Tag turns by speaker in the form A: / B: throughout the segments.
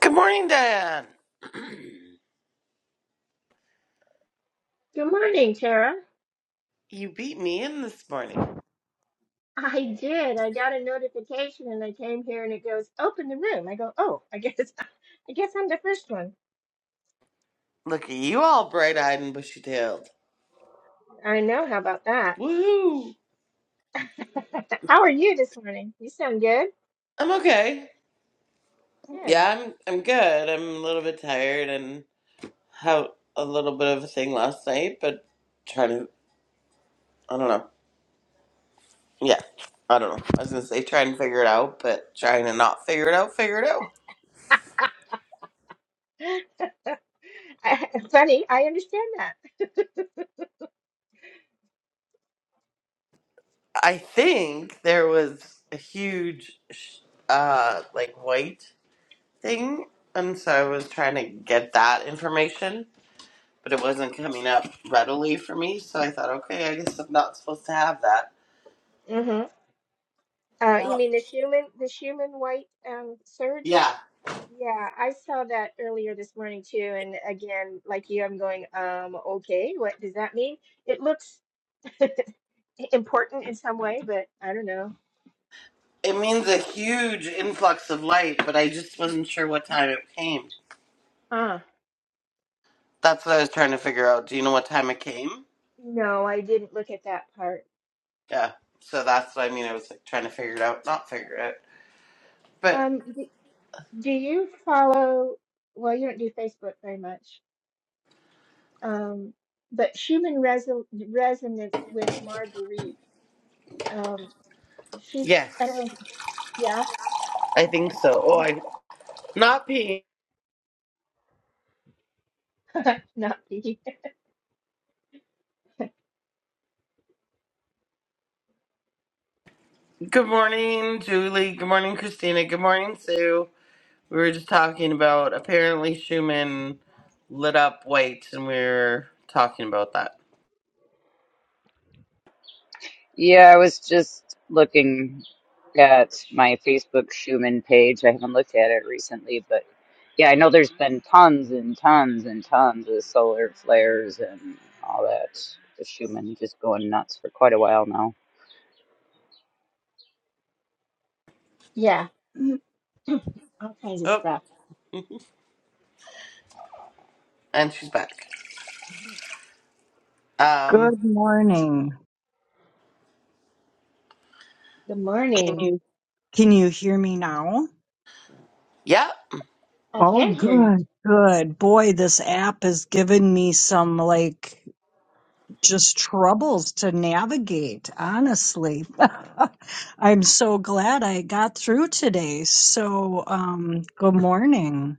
A: Good morning, Diane.
B: Good morning, Tara.
A: You beat me in this morning.
B: I did. I got a notification and I came here and it goes, open the room. I go, oh, I guess I guess I'm the first one.
A: Look at you all bright eyed and bushy tailed.
B: I know, how about that?
A: Woohoo!
B: How are you this morning? You sound good.
A: I'm okay.
B: Good.
A: Yeah, I'm I'm good. I'm a little bit tired and had a little bit of a thing last night, but trying to I don't know. Yeah. I don't know. I was gonna say try and figure it out, but trying to not figure it out, figure it out.
B: I- Funny, I understand that.
A: I think there was a huge sh- uh like white thing and so I was trying to get that information but it wasn't coming up readily for me. So I thought, okay, I guess I'm not supposed to have that.
B: hmm Uh, you
A: Well,
B: mean the human, the human white um, surge?
A: Yeah,
B: Yeah, I saw that earlier this morning too. And again, like you, I'm going, um, okay, what does that mean? It looks important in some way, but I don't know.
A: it means a huge influx of light, but I just wasn't sure what time it came.
B: Huh.
A: That's what I was trying to figure out. Do you know what time it came?
B: No, I didn't look at that part.
A: Yeah, so that's what I mean. I was like trying to figure it out, not figure it out. But
B: Um, do, do you follow, well, you don't do Facebook very much, um, but Schumann Reso Resonance with Marguerite. Um, she, I
A: yes,
B: don't, yeah,
A: I think so. Oh, I not Pete.
B: not me.
A: Good morning, Julie. Good morning, Christina. Good morning, Sue. We were just talking about apparently Schumann lit up whites, and we were talking about that.
C: Yeah, I was just looking at my Facebook Schumann page. I haven't looked at it recently, but yeah, I know there's been tons and tons and tons of solar flares and all that. The Schumann just going nuts for quite a while now.
B: Yeah, all kinds of
A: Oh,
B: stuff.
A: and she's back. Um,
D: Good morning.
B: Good
D: Can
B: morning.
D: you can you hear me now?
A: yeah.
B: I
D: Oh,
B: can hear you.
D: good, good. Boy, this app has given me some like just troubles to navigate, honestly. I'm so glad I got through today. So, um, good morning.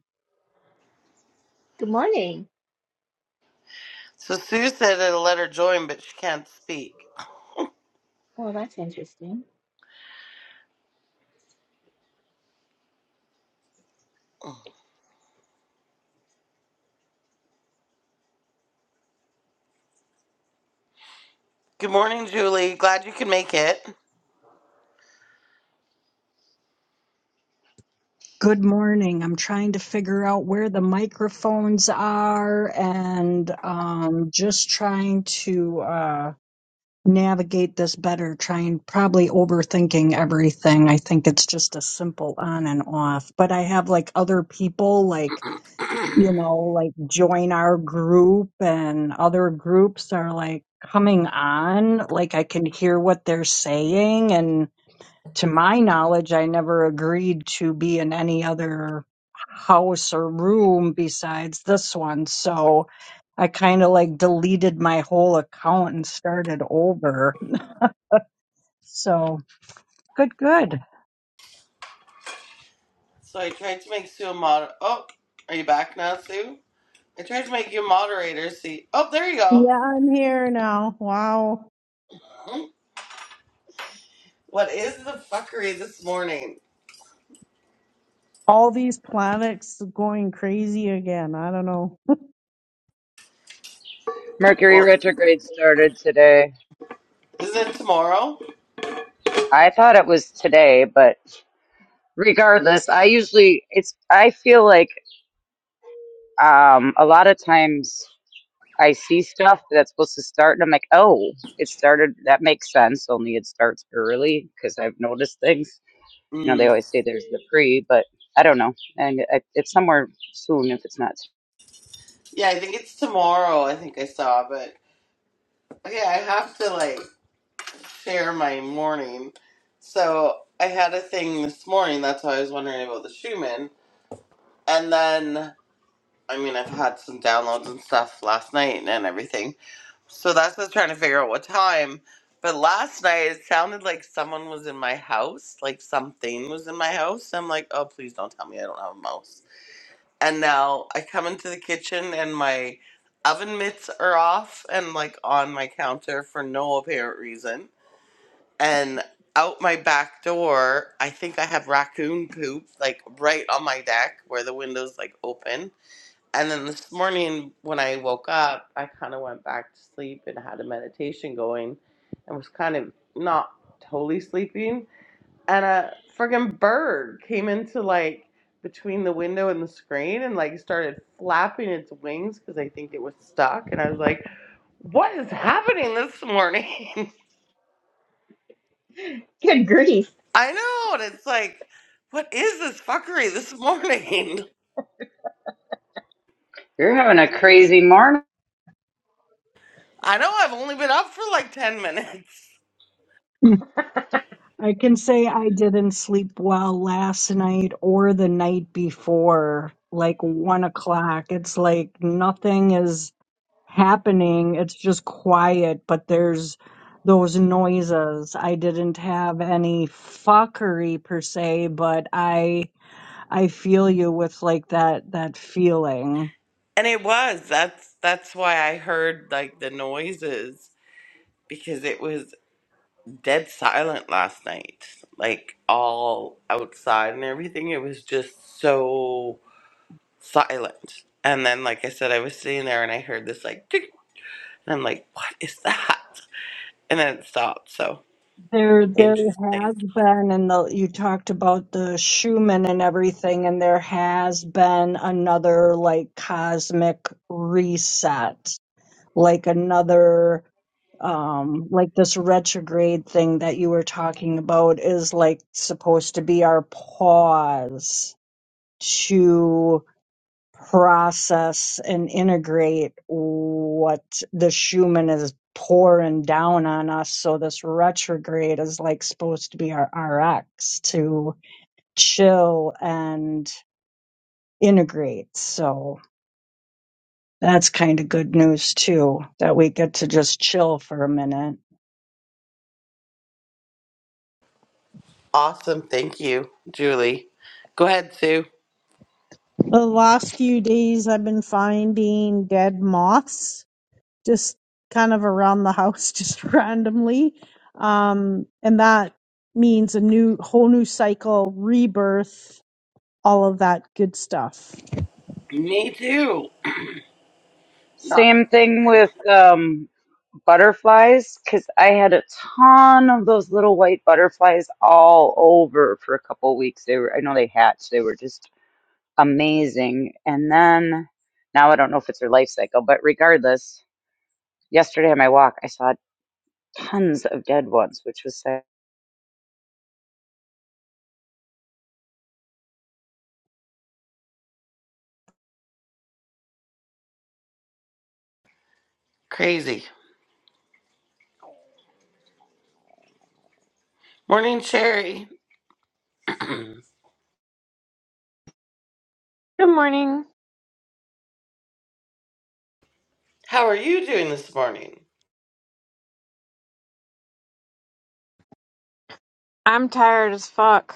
B: Good morning.
A: So Sue said it'll let her join, but she can't speak.
B: Oh, that's interesting.
A: Good morning, Julie. Glad you can make it.
D: Good morning. I'm trying to figure out where the microphones are and um, just trying to. navigate this better, trying probably overthinking everything. I think it's just a simple on and off. But I have like other people like, you know, like join our group and other groups are like coming on. Like I can hear what they're saying. And to my knowledge, I never agreed to be in any other house or room besides this one. So I kind of like deleted my whole account and started over so good, good.
A: so I tried to make Sue a mod. Oh, are you back now, Sue? I tried to make you a moderator. See. Oh, there you go.
E: Yeah, I'm here now. Wow.
A: What is the fuckery this morning?
E: All these planets going crazy again. I don't know.
C: Mercury
A: Well,
C: retrograde started today.
A: isn't it tomorrow?
C: I thought it was today, but regardless, I usually it's I feel like um a lot of times I see stuff that's supposed to start, and I'm like, oh, it started. That makes sense. Only it starts early because I've noticed things. You know, they
A: Mm.
C: always say there's the pre, but I don't know, and it, it's somewhere soon if it's not.
A: Yeah, I think it's tomorrow. I think I saw, but okay, I have to like share my morning. So I had a thing this morning. That's why I was wondering about the Schumann. And then, I mean, I've had some downloads and stuff last night and everything. So that's just trying to figure out what time. But last night it sounded like someone was in my house, like something was in my house. I'm like, oh, please don't tell me I don't have a mouse. And now I come into the kitchen and my oven mitts are off and like on my counter for no apparent reason. And out my back door, I think I have raccoon poop like right on my deck where the window's like open. And then this morning when I woke up, I kind of went back to sleep and had a meditation going and was kind of not totally sleeping and a friggin' bird came into like between the window and the screen and like started flapping its wings because I think it was stuck. And I was like, what is happening this morning?
B: Good grief.
A: I know. And it's like, what is this fuckery this morning?
C: You're having a crazy morning.
A: I know I've only been up for like 10 minutes.
D: I can say I didn't sleep well last night or the night before, like one o'clock. It's like nothing is happening. It's just quiet, but there's those noises. I didn't have any fuckery per se, but I I feel you with like that that feeling.
A: And it was. That's that's why I heard like the noises because it was dead silent last night, like all outside and everything. It was just so silent. And then, like I said, I was sitting there and I heard this like, tick, and I'm like, what is that? And then it stopped. So
D: There, there
A: interesting.
D: has been, and the, you talked about the Schumann and everything, and there has been another like cosmic reset, like another, um, like this retrograde thing that you were talking about is like supposed to be our pause to process and integrate what the Schumann is pouring down on us. So this retrograde is like supposed to be our RX to chill and integrate. So that's kind of good news too, that we get to just chill for a minute.
A: Awesome. Thank you, Julie. Go ahead, Sue.
E: The last few days I've been finding dead moths just kind of around the house just randomly. Um and that means a new whole new cycle, rebirth, all of that good stuff.
A: Me too. Not
C: Same thing with um, butterflies because I had a ton of those little white butterflies all over for a couple of weeks. They were, I know they hatched. They were just amazing, and then now I don't know if it's their life cycle, but regardless Yesterday on my walk, I saw tons of dead ones, which was sad.
A: crazy. Morning, Sherry.
F: Good morning.
A: How are you doing this morning?
F: I'm tired as fuck.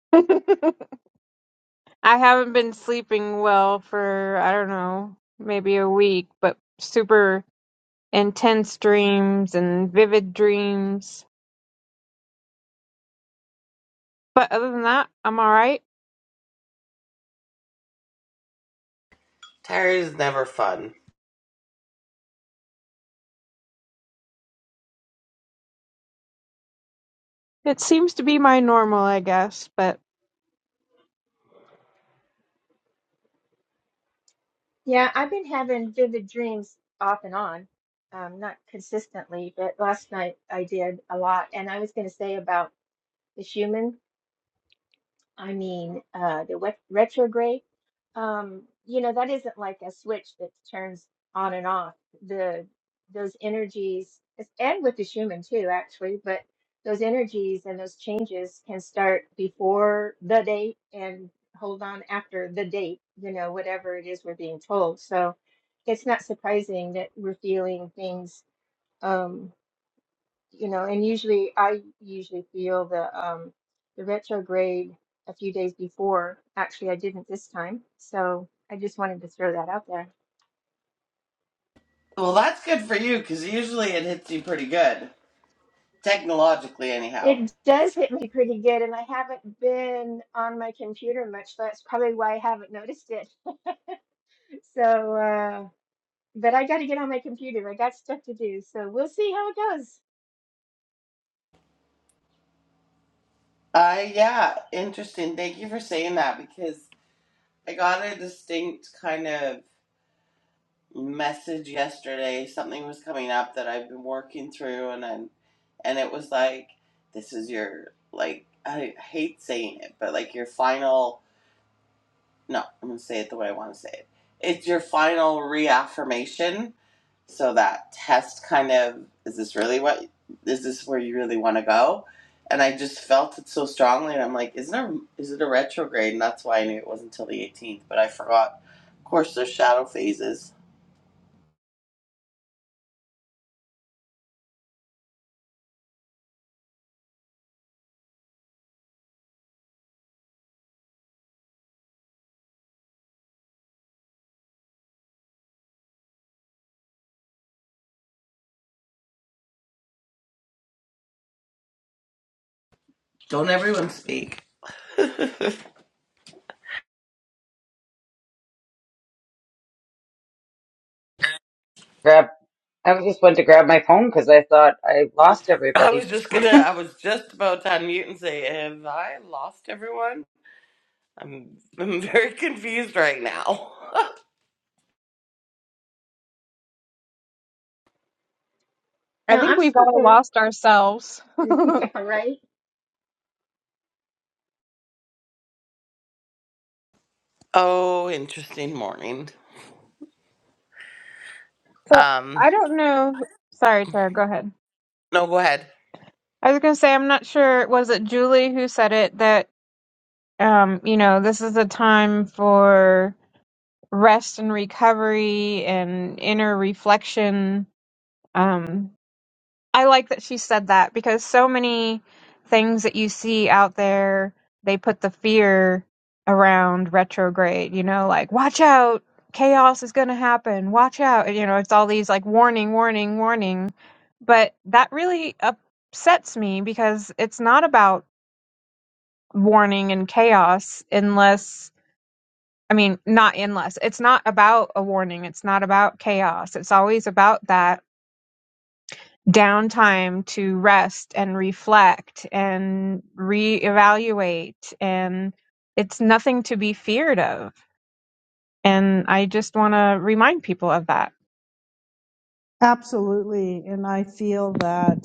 F: I haven't been sleeping well for, I don't know, maybe a week, but super intense dreams and vivid dreams. But other than that, I'm alright.
A: Tired is never fun.
F: It seems to be my normal, I guess, but
B: Yeah, I've been having vivid dreams off and on, um, not consistently, but last night I did a lot. And I was going to say about the human. I mean, uh, the wet- retrograde, um, you know, that isn't like a switch that turns on and off. The those energies, it's- and with the Schumann too, actually, but those energies and those changes can start before the date and hold on after the date, you know, whatever it is we're being told. So it's not surprising that we're feeling things um, you know, and usually I usually feel the um the retrograde a few days before. Actually, I didn't this time, so I just wanted to throw that out there.
A: Well, that's good for you because usually it hits you pretty good. technologically anyhow.
B: It does hit me pretty good, and I haven't been on my computer much. That's probably why I haven't noticed it. So, uh, but I got to get on my computer. I got stuff to do, so we'll see how it goes.
A: Uh yeah, interesting. Thank you for saying that because I got a distinct kind of message yesterday. Something was coming up that I've been working through and then and it was like this is your like I hate saying it, but like your final no, I'm gonna say it the way I wanna say it. It's your final reaffirmation So that test kind of is this really what is this where you really want to go? And I just felt it so strongly, and I'm like, isn't there is it a retrograde? And that's why I knew it wasn't until the 18th, but I forgot. Of course, there's shadow phases. Don't everyone speak? I
C: Grab, I just went to grab my phone because I thought I lost
A: was
C: everybody.
A: just gonna. I was just about to unmute and say, have I lost everyone? I'm I'm very confused right now.
F: I
B: No,
F: think
B: I'm
F: we've
B: still
F: all
B: here.
F: lost ourselves. so
B: yeah, right.
A: oh, interesting morning. Um,
F: I don't know. Sorry, Tara, go ahead.
A: no, go ahead.
F: I was going to say, I'm not sure, was it Julie who said it that, um, you know, this is a time for rest and recovery and inner reflection. Um, I like that she said that because so many things that you see out there, they put the fear around retrograde, you know, like, watch out, chaos is going to happen, watch out. You know, it's all these like warning, warning, warning. But that really upsets me because it's not about warning and chaos unless I mean, not endless. It's not about a warning. It's not about chaos. It's always about that downtime to rest and reflect and reevaluate. And it's nothing to be feared of. And I just want to remind people of that.
E: Absolutely. And I feel that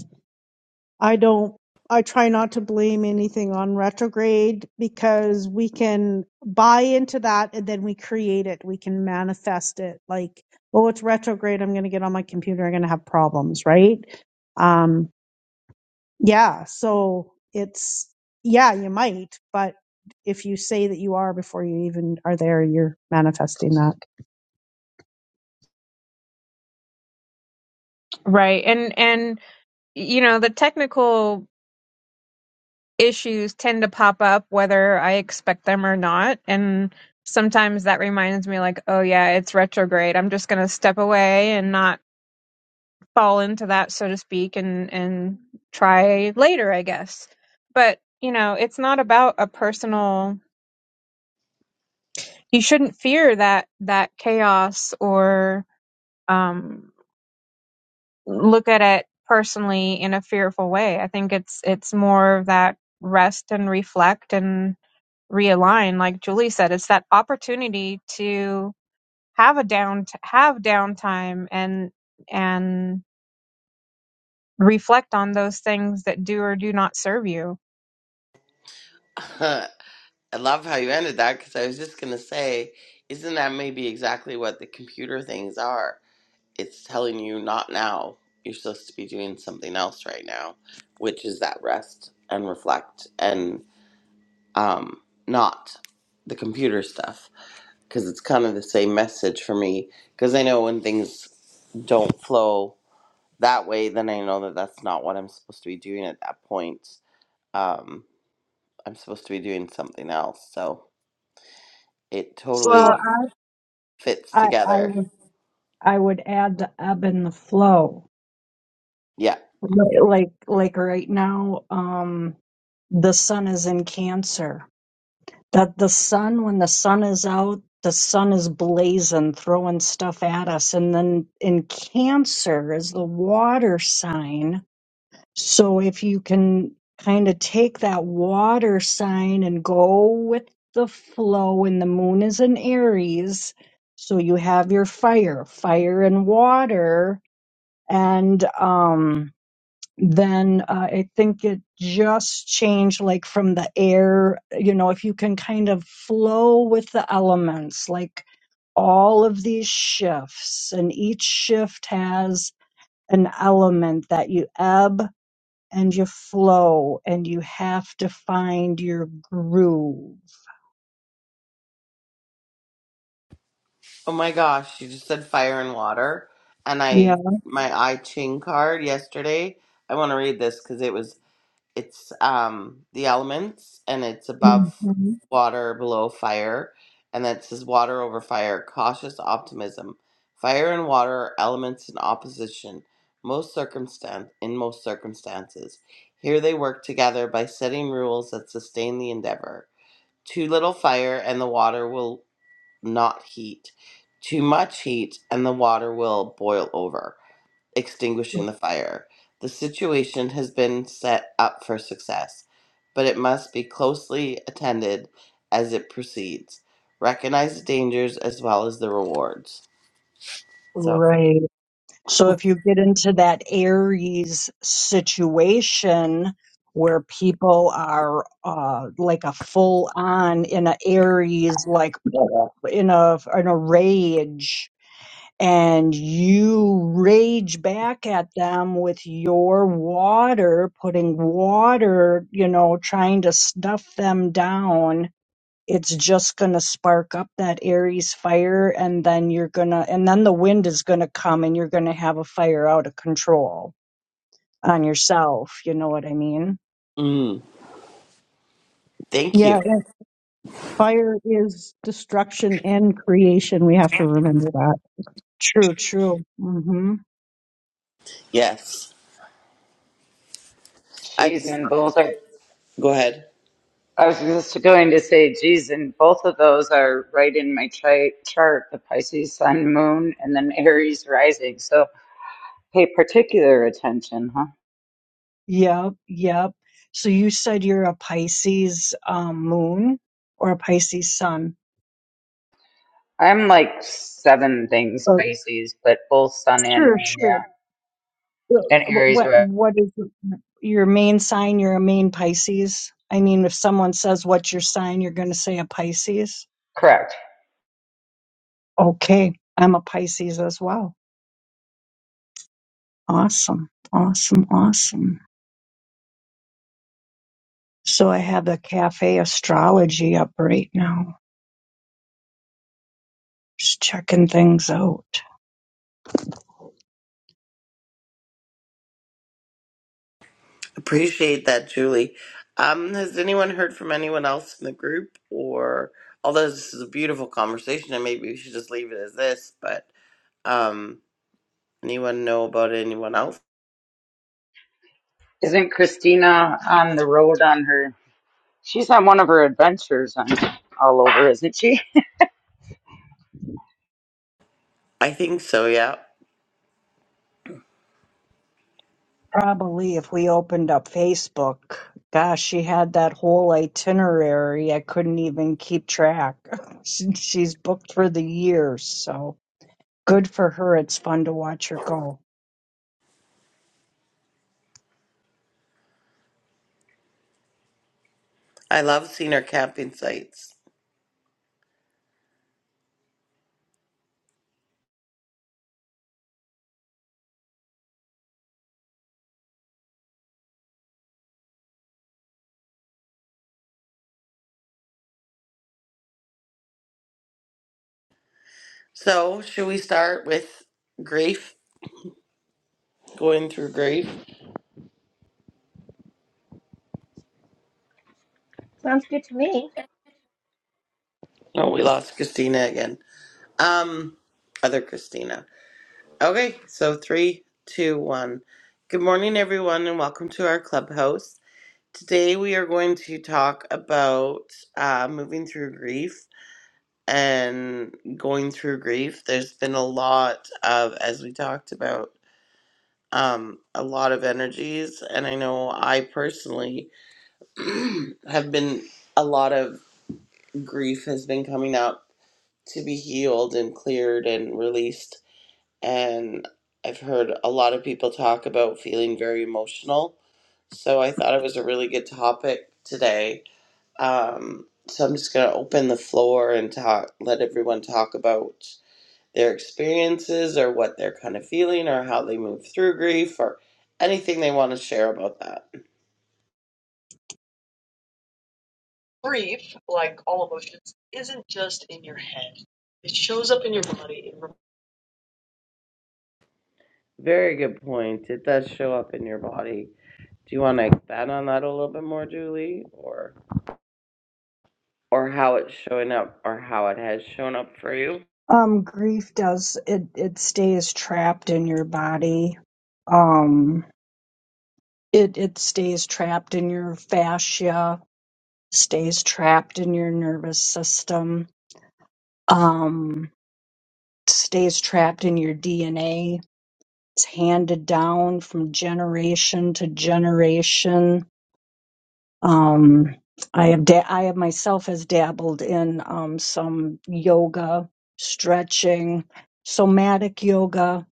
E: I don't, I try not to blame anything on retrograde because we can buy into that and then we create it. We can manifest it like, oh, it's retrograde. I'm going to get on my computer. I'm going to have problems, right? Um, yeah. So it's, yeah, you might, but if you say that you are before you even are there, you're manifesting that.
F: Right. And, and, you know, the technical issues tend to pop up whether I expect them or not. And, Sometimes that reminds me, like, oh yeah, it's retrograde. I'm just going to step away and not fall into that so to speak and and try later i guess but you know it's not about a personal you shouldn't fear that that chaos or um look at it personally in a fearful way i think it's it's more of that rest and reflect and realign like julie said it's that opportunity to have a down have downtime and and reflect on those things that do or do not serve you
A: I love how you ended that because I was just going to say, isn't that maybe exactly what the computer things are? It's telling you not now. You're supposed to be doing something else right now, which is that rest and reflect and um, not the computer stuff. Because it's kind of the same message for me. Because I know when things don't flow that way, then I know that that's not what I'm supposed to be doing at that point. Um, I'm supposed to be doing something else. So it
F: Well.
A: totally
D: So
A: fits
D: I, I, I
A: together.
D: would, I would add the ebb and the flow.
A: Yeah.
D: Li- like like right now um the sun is in cancer that the sun when the sun is out the sun is blazing throwing stuff at us and then in cancer is the water sign so if you can kind of take that water sign and go with the flow and the moon is in aries so you have your fire fire and water and um then uh, I think it just changed like from the air, you know, if you can kind of flow with the elements, like all of these shifts, and each shift has an element that you ebb and you flow and you have to find your groove.
A: Oh my gosh, you just said fire and water. And
D: Yeah.
A: I my I Ching card yesterday. I want to read this because it was it's um the elements and it's above
D: Mhm.
A: water, below fire, and that says water over fire, cautious optimism. Fire and water are elements in opposition, most circumstan in most circumstances. Here they work together by setting rules that sustain the endeavor. Too little fire and the water will not heat. Too much heat and the water will boil over, extinguishing the fire. The situation has been set up for success, but it must be closely attended as it proceeds. Recognize the dangers as well as the rewards. So,
D: Right. So if you get into that Aries situation where people are uh, like a full on in a Aries, like in a in a rage, and you rage back at them with your water, putting water, you know, trying to stuff them down it's just going to spark up that Aries fire and then you're going to and then the wind is going to come and you're going to have a fire out of control on yourself, you know what I mean?
A: mm, thank
E: Yeah.
A: you.
E: And fire is destruction and creation. We have to remember that.
D: True, true. Mhm.
A: Yes. I
C: Cheese and both are.
A: go ahead.
C: I was just going to say, geez, and both of those are right in my chi- chart: the Pisces Sun, Moon, and then Aries rising. So pay particular attention, huh?
D: Yep, yep. So you said you're a Pisces um moon or a Pisces sun.
C: I'm like seven things
D: Oh,
C: Pisces, but both Sun and
D: sure,
C: Moon,
D: sure.
C: yeah,
D: Yeah,
C: and
D: But
C: Aries,
D: what
C: right?
D: what is your main sign? You're a main Pisces. I mean, if someone says what's your sign, you're going to say a Pisces.
C: correct?
D: Okay, I'm a Pisces as well. Awesome, awesome, awesome. So I have the cafe astrology up right now. Just checking things out.
A: Appreciate that, Julie. Um, has anyone heard from anyone else in the group? Or although this is a beautiful conversation, and maybe we should just leave it as this. But um, anyone know about anyone else?
C: Isn't Christina on the road on her? She's on one of her adventures on all over, isn't she?
A: I think so. Yeah,
D: Probably if we opened up Facebook, gosh, she had that whole itinerary. I couldn't even keep track. She- She's booked for the year, so good for her. It's fun to watch her go.
A: I love senior camping sites. So should we start with grief? Going through grief.
B: Sounds good to me.
A: Oh, we lost Christina again. Um, other Christina. Okay, so three, two, one. Good morning, everyone, and welcome to our clubhouse. Today we are going to talk about uh, moving through grief and going through grief. There's been a lot of, as we talked about, um, a lot of energies, and I know I personally have been a lot of grief has been coming up to be healed and cleared and released. And I've heard a lot of people talk about feeling very emotional. So I thought it was a really good topic today Um, so I'm just going to open the floor and talk, let everyone talk about their experiences or what they're kind of feeling or how they move through grief or anything they want to share about that. Very good point. It does show up in your body. Do you want to expand on that a little bit more, Julie, or or how it's showing up or how it has shown up for you?
D: Um, grief does it, it stays trapped in your body. Um, It it stays trapped in your fascia, stays trapped in your nervous system, um, stays trapped in your DNA. It's handed down from generation to generation. Um, I have da- I have myself has dabbled in um, some yoga, stretching, somatic yoga.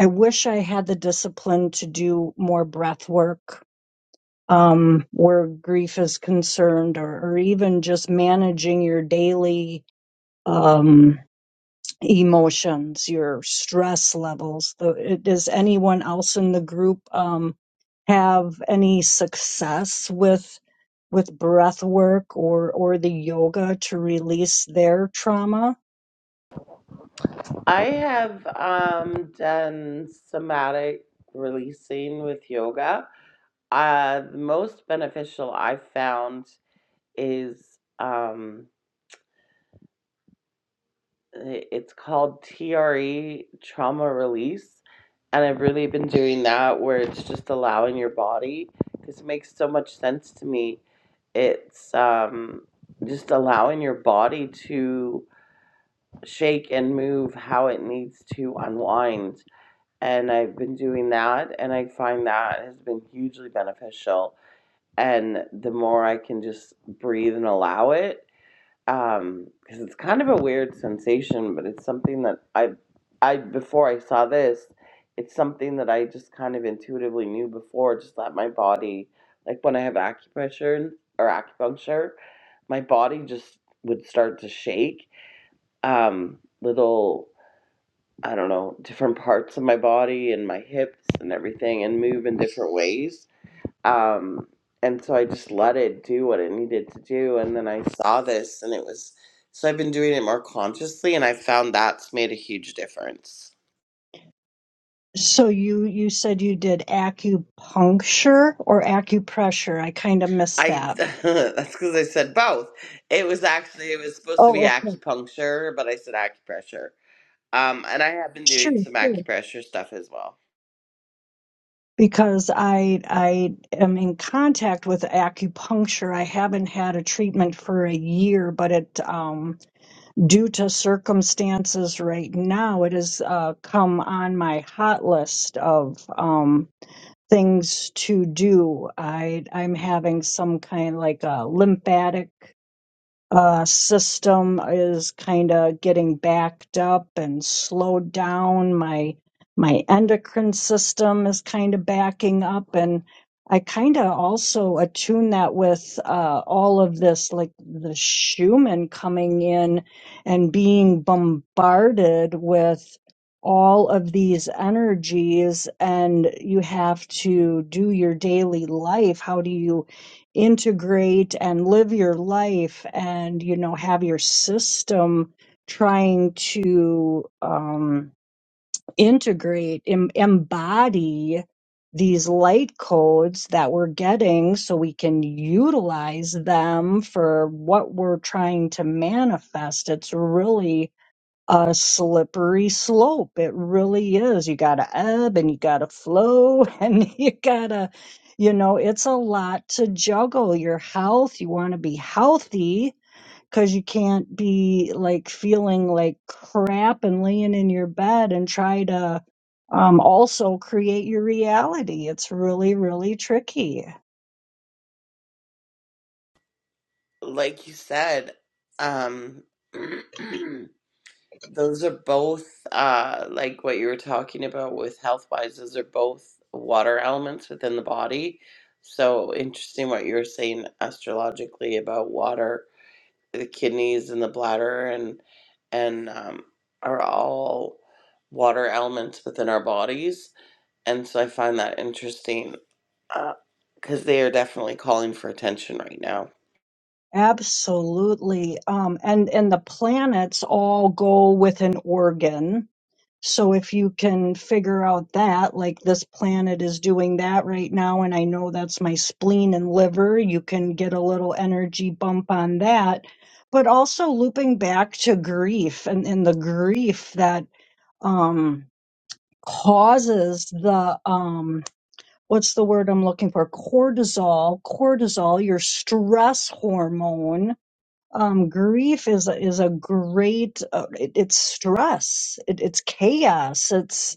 D: I wish I had the discipline to do more breath work um, where grief is concerned, or, or even just managing your daily um, emotions, your stress levels. The- Does anyone else in the group um, have any success with with breath work or or the yoga to release their trauma?
A: I have um, done somatic releasing with yoga. Uh, the most beneficial I found is um i- it's called TRE trauma release and I've really been doing that where it's just allowing your body because it makes so much sense to me. It's um just allowing your body to shake and move how it needs to unwind. And I've been doing that and I find that has been hugely beneficial. And the more I can just breathe and allow it, um because it's kind of a weird sensation but it's something that i i before i saw this it's something that i just kind of intuitively knew before just that my body like when i have acupressure or acupuncture my body just would start to shake um little i don't know different parts of my body and my hips and everything and move in different ways um and so i just let it do what it needed to do and then i saw this and it was so i've been doing it more consciously and i found that's made a huge difference
D: So you you said you did acupuncture or acupressure. I kind of missed
A: i
D: that.
A: that's because i said both it was actually it was supposed to be
D: Oh, okay.
A: acupuncture but i said acupressure um and i have been
D: Sure,
A: doing some
D: sure.
A: acupressure stuff as well
D: because I I am in contact with acupuncture. I haven't had a treatment for a year, but it um, due to circumstances right now, it has uh, come on my hot list of um, things to do. I I'm having some kind like a lymphatic uh, system is kind of getting backed up and slowed down. My my endocrine system is kind of backing up, and I kind of also attune that with uh, all of this, like the Schumann coming in and being bombarded with all of these energies, and you have to do your daily life. How do you? integrate and live your life and you know have your system trying to um, integrate em- embody these light codes that we're getting so we can utilize them for what we're trying to manifest it's really a slippery slope. It really is. You got to ebb and you got to flow and you got to, you know, it's a lot to juggle your health. You want to be healthy because you can't be like feeling like crap and laying in your bed and try to um, also create your reality. It's really, really tricky.
A: like you said um Those are both uh like what you were talking about with health wise, those are both water elements within the body. So interesting what you were saying astrologically about water, the kidneys and the bladder and and um are all water elements within our bodies. And so I find that interesting uh, because they are definitely calling for attention right now.
D: Absolutely. Um, and, and the planets all go with an organ So if you can figure out that, like this planet is doing that right now, and I know that's my spleen and liver, you can get a little energy bump on that. But also looping back to grief and, and the grief that um, causes the um, what's the word I'm looking for? Cortisol. Cortisol, your stress hormone. Um, grief is a, is a great. Uh, it, it's stress. It, it's chaos. it's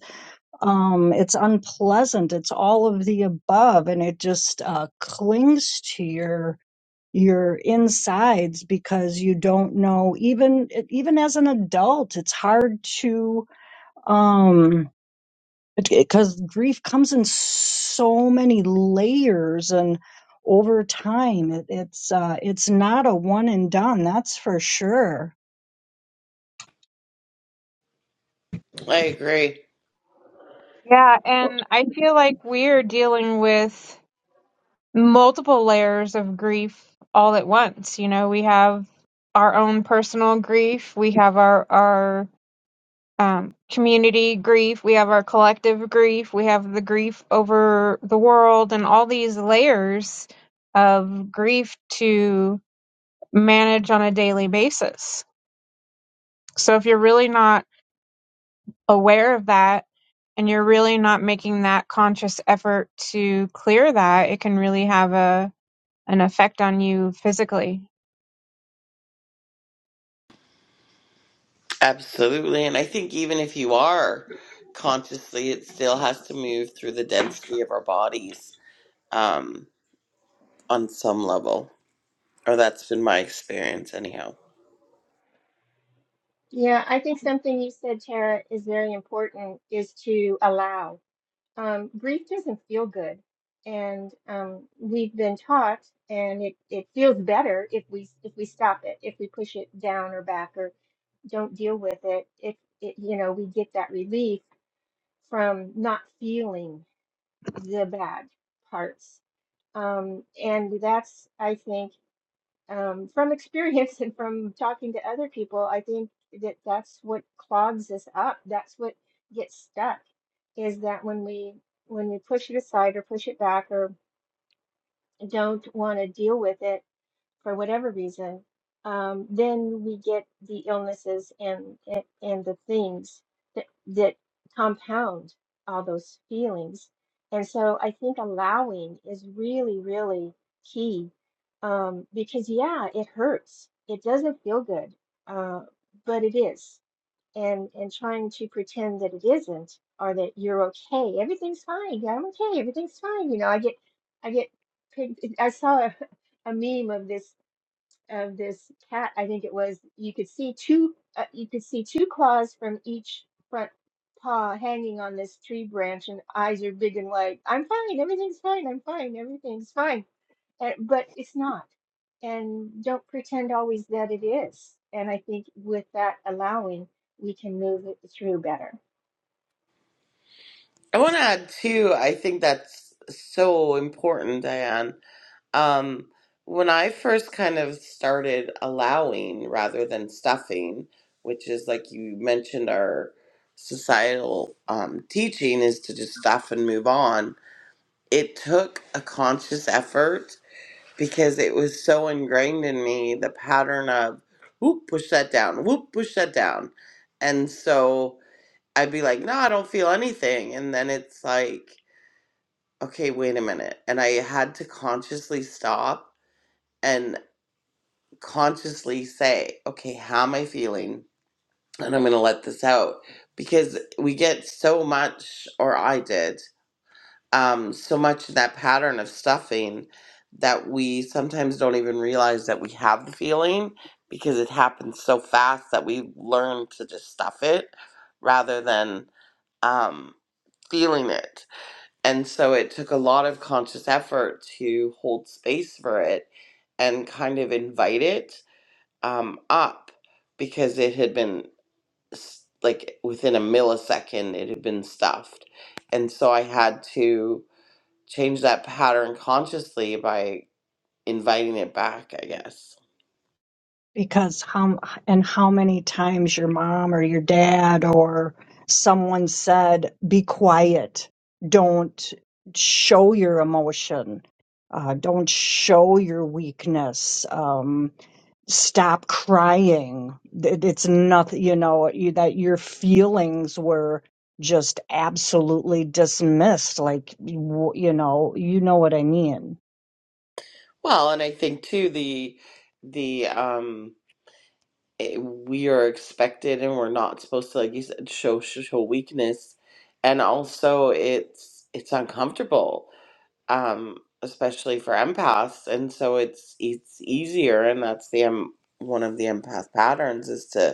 D: um, it's unpleasant it's all of the above and it just uh, clings to your your insides because you don't know even even as an adult it's hard to um because grief comes in so many layers and over time it, it's uh it's not a one and done that's for sure
A: I agree.
F: Yeah, and I feel like we're dealing with multiple layers of grief all at once. You know, we have our own personal grief, we have our our um, community grief, we have our collective grief, we have the grief over the world, and all these layers of grief to manage on a daily basis. So if you're really not aware of that and you're really not making that conscious effort to clear that, it can really have a an effect on you physically.
A: Absolutely. And I think even if you are consciously, it still has to move through the density of our bodies um, on some level. Or that's been my experience, anyhow.
B: Yeah, I think something you said, Tara, is very important is to allow. um, grief doesn't feel good. And um, we've been taught, and it, it feels better if we if we stop it, if we push it down or back or don't deal with it. If it, you know, we get that relief from not feeling the bad parts. Um, and that's, I think um, from experience and from talking to other people, I think that that's what clogs us up. That's what gets stuck is that when we when we push it aside or push it back or don't want to deal with it, for whatever reason, um, then we get the illnesses and and, and the things that that compound all those feelings. And so I think allowing is really, really key um, because yeah, it hurts. It doesn't feel good, uh, but it is. And and trying to pretend that it isn't or that you're okay, everything's fine. Yeah, I'm okay. Everything's fine. You know, I get I get pig- I saw a, a meme of this of this cat, I think it was, you could see two uh, you could see two claws from each front paw hanging on this tree branch and eyes are big and like, I'm fine, everything's fine, I'm fine, everything's fine. And, but it's not. And don't pretend always that it is. And I think with that allowing, we can move it through better.
A: I want to add, too, I think that's so important, Diane. Um, when I first kind of started allowing rather than stuffing, which is like you mentioned, our societal um, teaching is to just stuff and move on it took a conscious effort because it was so ingrained in me the pattern of whoop push that down whoop push that down and so i'd be like no i don't feel anything and then it's like okay wait a minute and i had to consciously stop and consciously say okay how am i feeling and i'm going to let this out because we get so much or i did um, so much in that pattern of stuffing that we sometimes don't even realize that we have the feeling because it happens so fast that we learn to just stuff it rather than um, feeling it. And so it took a lot of conscious effort to hold space for it and kind of invite it um, up because it had been s- like within a millisecond, it had been stuffed. And so I had to change that pattern consciously by inviting it back, I guess.
D: because how and how many times your mom or your dad or someone said be quiet don't show your emotion uh, don't show your weakness um, stop crying It- it's nothing you know you, that your feelings were just absolutely dismissed like w- you know you know what i mean
A: Well, and I think too the the um it, we are expected and we're not supposed to like you said show show weakness and also it's it's uncomfortable um especially for empaths and so it's it's easier and that's the um, one of the empath patterns is to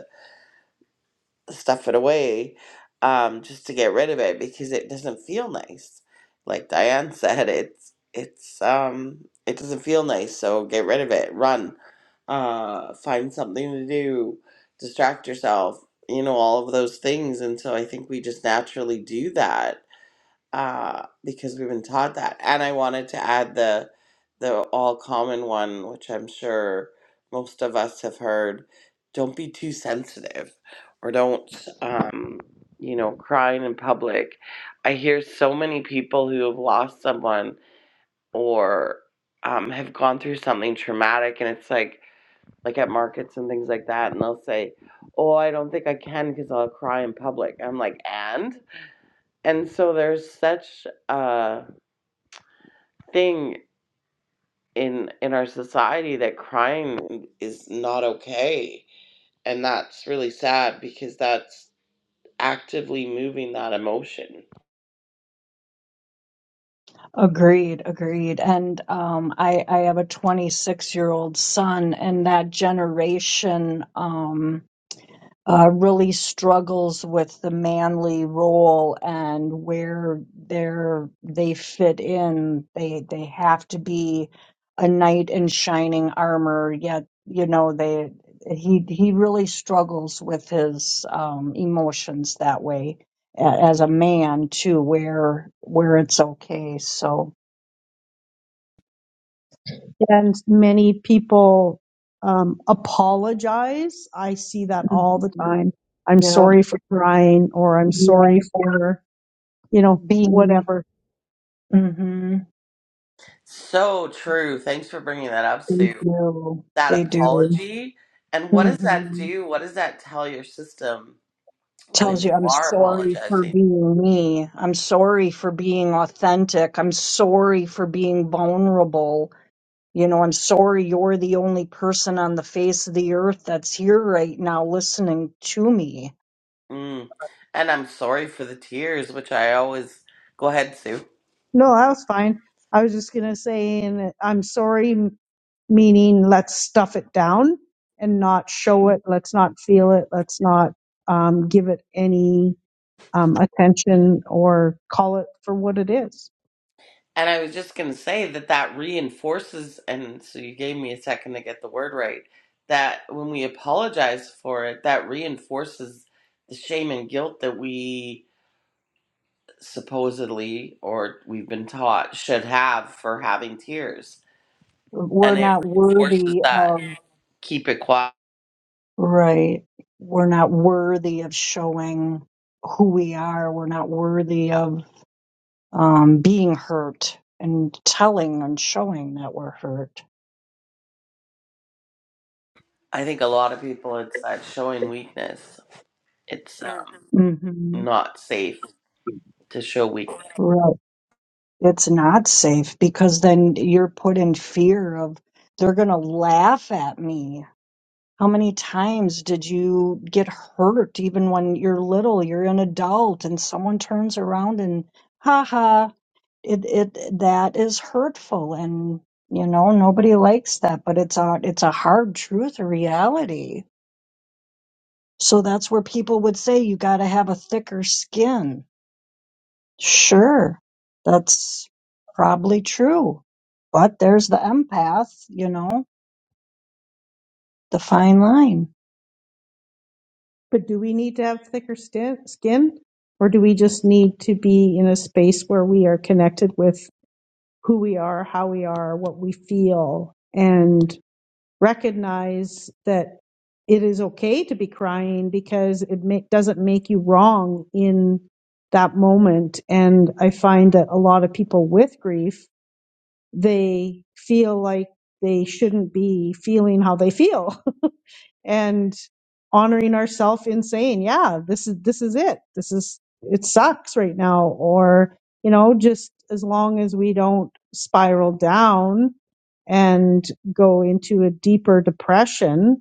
A: stuff it away um, just to get rid of it because it doesn't feel nice. Like Diane said, it's it's um, it doesn't feel nice, so get rid of it. Run, uh, find something to do, distract yourself. You know all of those things, and so I think we just naturally do that uh, because we've been taught that. And I wanted to add the the all common one, which I'm sure most of us have heard. Don't be too sensitive, or don't um, you know crying in public. I hear so many people who have lost someone or um, have gone through something traumatic, and it's like like at markets and things like that, and they'll say, "Oh, I don't think I can because I'll cry in public." I'm like, "And?" And so there's such a thing in in our society that crying is not okay and that's really sad because that's actively moving that emotion
D: agreed agreed and um i i have a 26 year old son and that generation um uh, really struggles with the manly role and where they're they fit in. They they have to be a knight in shining armor, yet you know they he he really struggles with his um, emotions that way a- as a man too, where where it's okay. So
E: and many people um, apologize. I see that all the
D: Mhm.
E: time. I'm
D: yeah,
E: sorry for crying, or I'm
D: yeah,
E: sorry for you know
D: being.
E: whatever.
D: hmm
A: so true thanks for bringing that up
D: They
A: sue
D: do.
A: that
D: They do.
A: apology and what does that
D: hmm
A: do what does that tell your system
D: tells
A: when
D: you,
A: you
D: I'm
A: are
D: sorry for
A: apologizing
D: being me. I'm sorry for being authentic. I'm sorry for being vulnerable. You know, I'm sorry you're the only person on the face of the earth that's here right now listening to me.
A: mm. and i'm sorry for the tears which i always go ahead sue
E: No, that was fine. I was just gonna say, and I'm sorry, m- meaning let's stuff it down and not show it. Let's not feel it. Let's not um, give it any um, attention or call it for what it is.
A: And I was just going to say that that reinforces, and so you gave me a second to get the word right, that when we apologize for it, that reinforces the shame and guilt that we supposedly or we've been taught should have for having tears.
D: We're
A: And it
D: not
A: reinforces
D: worthy
A: that.
D: of
A: Keep it quiet.
D: Right. We're not worthy of showing who we are. We're not worthy of um, being hurt and telling and showing that we're hurt.
A: I think a lot of people, it's that showing weakness. It's um,
D: hmm
A: not safe to show weakness.
D: Right. It's not safe because then you're put in fear of they're going to laugh at me. How many times did you get hurt even when you're little? You're an adult and someone turns around and, ha ha, it it that is hurtful and you know nobody likes that but it's a it's a hard truth a reality so that's where people would say you got to have a thicker skin sure that's probably true but there's the empath you know the fine line
E: But do we need to have thicker skin, skin? Or do we just need to be in a space where we are connected with who we are, how we are, what we feel, and recognize that it is okay to be crying because it ma- doesn't make you wrong in that moment. And I find that a lot of people with grief, they feel like they shouldn't be feeling how they feel and honoring ourselves in saying, yeah, this is this is it. This is it sucks right now or you know, just as long as we don't spiral down and go into a deeper depression,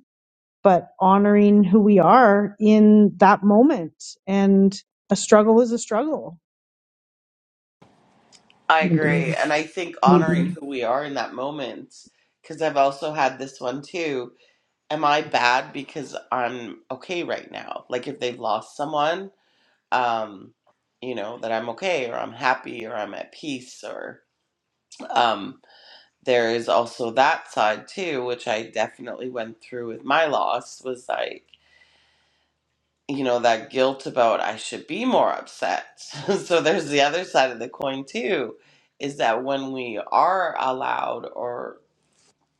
E: but honoring who we are in that moment and a struggle is a struggle.
A: I agree.
D: indeed,
A: And I think honoring
D: indeed.
A: who we are in that moment, because I've also had this one too. Am I bad because I'm okay right now? Like if they've lost someone, um, you know, that I'm okay or I'm happy or I'm at peace or um there is also that side too, which I definitely went through with my loss was like you know that guilt about I should be more upset. so there's the other side of the coin too, is that when we are allowed or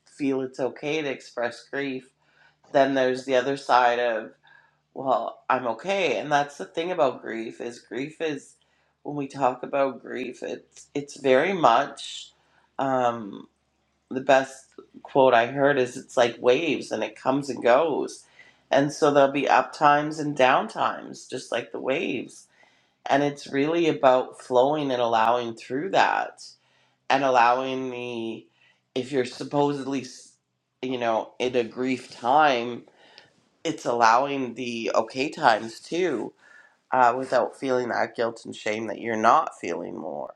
A: feel it's okay to express grief, then there's the other side of well, I'm okay. And that's the thing about grief is grief is when we talk about grief, it's it's very much. um, the best quote I heard is it's like waves and it comes and goes. And so there'll be up times and down times, just like the waves. And it's really about flowing and allowing through that and allowing the, if you're supposedly, s- you know, in a grief time, it's allowing the okay times too uh, without feeling that guilt and shame that you're not feeling more.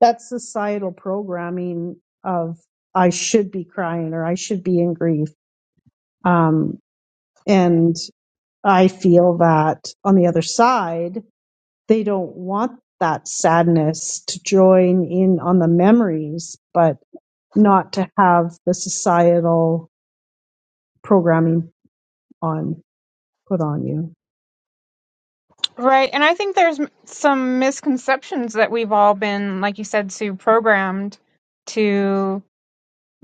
E: That's societal programming of I should be crying or I should be in grief. Um, and I feel that on the other side, they don't want that sadness to join in on the memories, but not to have the societal programming on put on you.
F: Right. And I think there's m- some misconceptions that we've all been, like you said, Sue, programmed to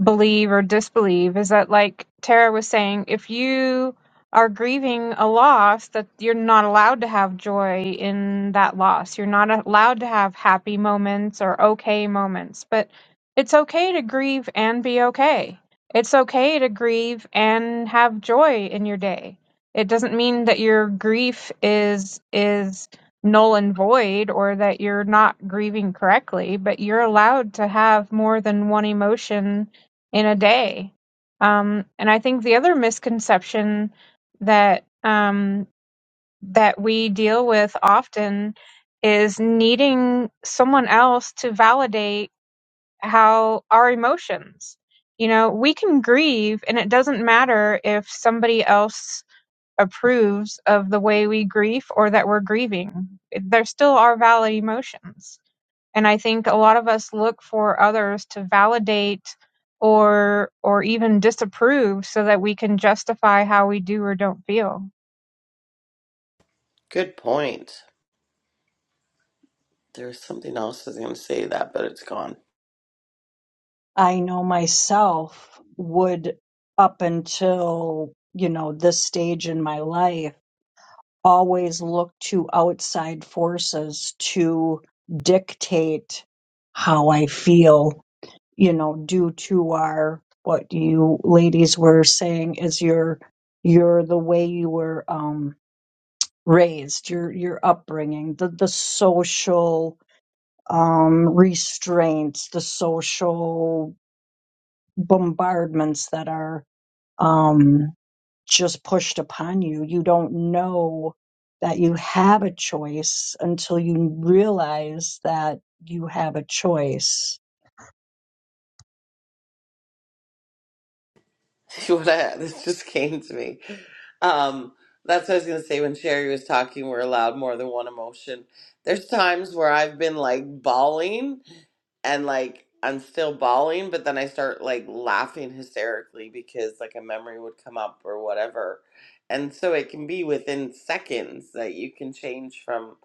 F: believe or disbelieve is that like Tara was saying, if you are grieving a loss, that you're not allowed to have joy in that loss. You're not allowed to have happy moments or okay moments. But it's okay to grieve and be okay. It's okay to grieve and have joy in your day. It doesn't mean that your grief is is null and void or that you're not grieving correctly, but you're allowed to have more than one emotion in a day. Um, and I think the other misconception that um, that we deal with often is needing someone else to validate how our emotions. You know, we can grieve, and it doesn't matter if somebody else approves of the way we grieve or that we're grieving. They're still our valid emotions and i think a lot of us look for others to validate or or even disapprove so that we can justify how we do or don't feel
A: Good point. There's something else I was going to say that, but it's gone.
D: i know myself would up until you know this stage in my life always look to outside forces to dictate how I feel, you know, due to our what you ladies were saying is your your the way you were um raised, your your upbringing, the the social um restraints, the social bombardments that are um just pushed upon you. You don't know that you have a choice until you realize that you have a choice.
A: what I, this just came to me. Um, that's what I was gonna say when Sherry was talking. We're allowed more than one emotion. There's times where I've been like bawling and like I'm still bawling, but then I start like laughing hysterically because like a memory would come up or whatever. And so it can be within seconds that you can change from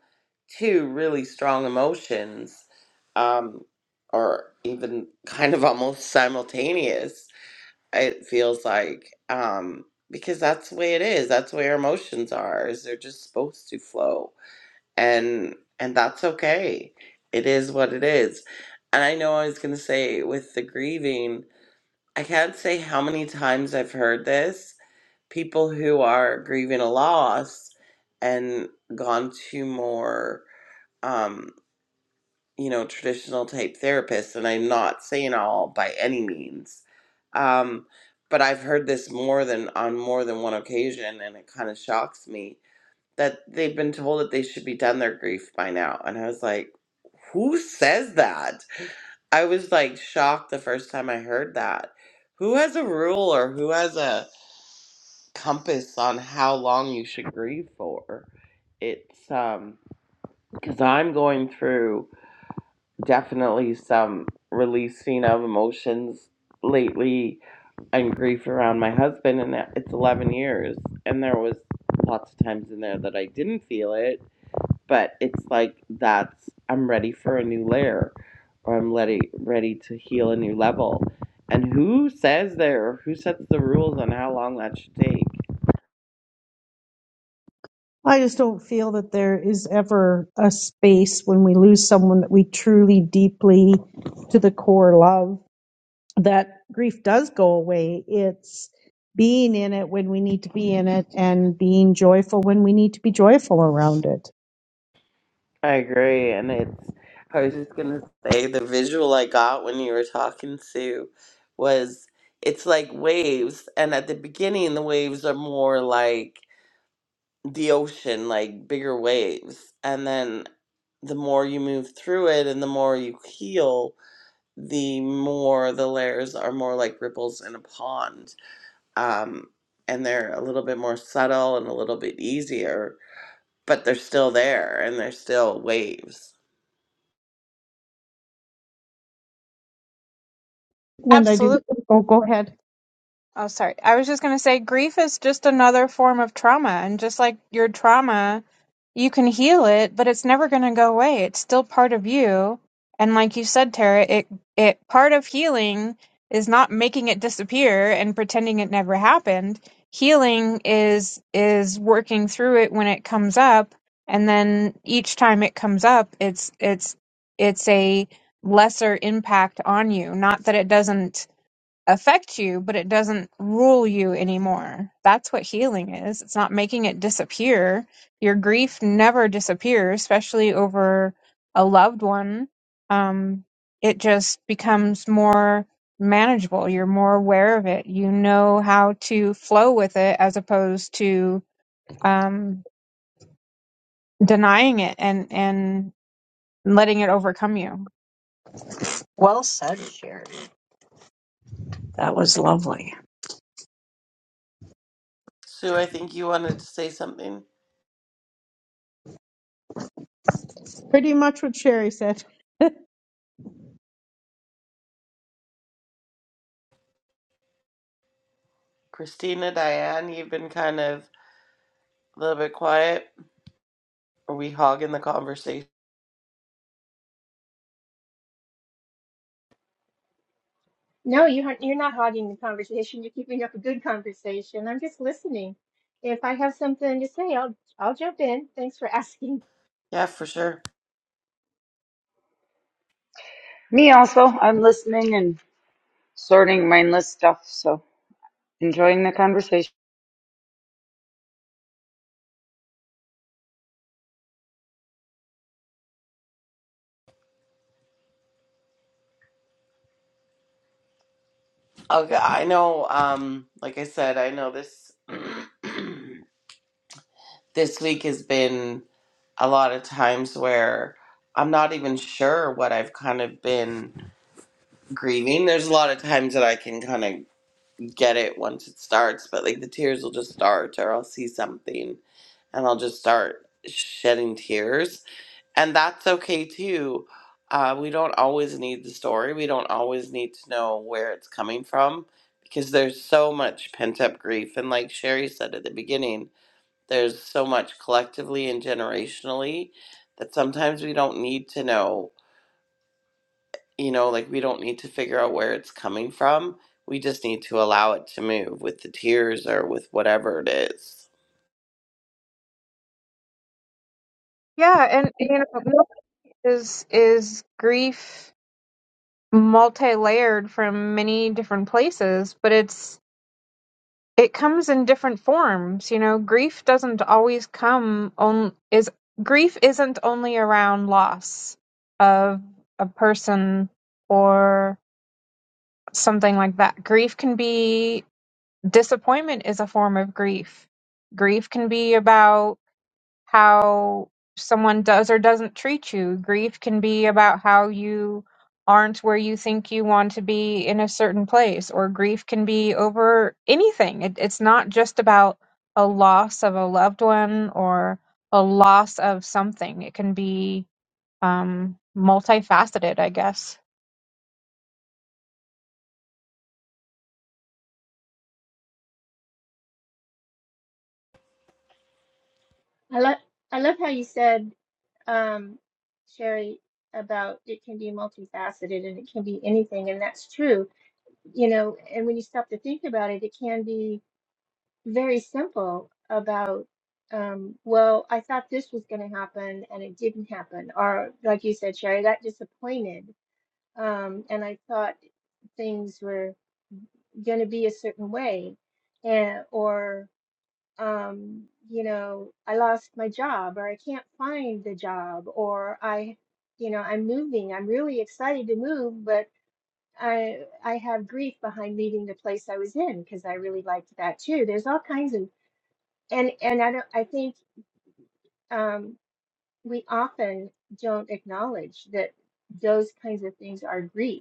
A: two really strong emotions, um, or even kind of almost simultaneous it feels like um because that's the way it is that's where emotions are is they're just supposed to flow and and that's okay it is what it is and i know i was going to say with the grieving i can't say how many times i've heard this people who are grieving a loss and gone to more um, you know, traditional type therapists, and I'm not saying all by any means. Um, but I've heard this more than on more than one occasion, and it kind of shocks me that they've been told that they should be done their grief by now. And I was like, who says that? I was like shocked the first time I heard that. Who has a rule or who has a compass on how long you should grieve for? It's um because I'm going through definitely some releasing of emotions lately and grief around my husband and it's 11 years and there was lots of times in there that I didn't feel it but it's like that's I'm ready for a new layer or I'm ready ready to heal a new level and who says there or who sets the rules on how long that should take
E: I just don't feel that there is ever a space when we lose someone that we truly deeply to the core love that grief does go away. It's being in it when we need to be in it and being joyful when we need to be joyful around it.
A: I agree, and it's. I was just gonna say the visual I got when you were talking Sue was it's like waves, and at the beginning the waves are more like the ocean, like bigger waves, and then the more you move through it and the more you heal, the more the layers are more like ripples in a pond, um, and they're a little bit more subtle and a little bit easier, but they're still there and they're still waves
E: And I do,
F: Absolutely.
E: oh, go ahead.
F: Oh, sorry. I was just going to say grief is just another form of trauma. And just like your trauma, you can heal it, but it's never going to go away. It's still part of you. And like you said, Tara, it, it, part of healing is not making it disappear and pretending it never happened. Healing is, is working through it when it comes up. And then each time it comes up, it's, it's, it's a lesser impact on you. Not that it doesn't affect you, but it doesn't rule you anymore. That's what healing is. It's not making it disappear. Your grief never disappears, especially over a loved one. Um, it just becomes more manageable. You're more aware of it. You know how to flow with it as opposed to um, denying it and, and letting it overcome you.
D: Well said, Sherry. That was lovely.
A: Sue, I think you wanted to say something.
E: Pretty much what Sherry said.
A: Christina, Diane, you've been kind of a little bit quiet. Are we hogging the conversation?
B: No, you aren't, you're not hogging the conversation. You're keeping up a good conversation. I'm just listening. If I have something to say, I'll I'll jump in. Thanks for asking.
A: Yeah, for sure.
C: Me also. I'm listening and sorting mindless stuff, so enjoying the conversation.
A: Okay, I know. Um, like I said, I know this this week has been a lot of times where I'm not even sure what I've kind of been grieving. There's a lot of times that I can kind of get it once it starts, but like the tears will just start, or I'll see something and I'll just start shedding tears and that's okay too. Uh, we don't always need the story. We don't always need to know where it's coming from because there's so much pent up grief. And like Sherry said at the beginning, there's so much collectively and generationally that sometimes we don't need to know, you know, like we don't need to figure out where it's coming from. We just need to allow it to move with the tears or with whatever it is.
F: Yeah, and you know, milk is is grief multi-layered from many different places but it's it comes in different forms you know grief doesn't always come on is grief isn't only around loss of a person or something like that grief can be disappointment is a form of grief grief can be about how someone does or doesn't treat you. Grief can be about how you aren't where you think you want to be in a certain place, or grief can be over anything. It, it's not just about a loss of a loved one or a loss of something. It can be um, multifaceted, I guess.
B: I love I love how you said, um, Sherry, about it can be multifaceted and it can be anything, and that's true. You know, and when you stop to think about it, it can be very simple about, um, well, I thought this was going to happen and it didn't happen, or like you said, Sherry, that disappointed, um, and I thought things were going to be a certain way, and or um, you know, I lost my job or I can't find the job or I, you know, I'm moving. I'm really excited to move, but I I have grief behind leaving the place I was in because I really liked that too. There's all kinds of and and I don't I think um we often don't acknowledge that those kinds of things are grief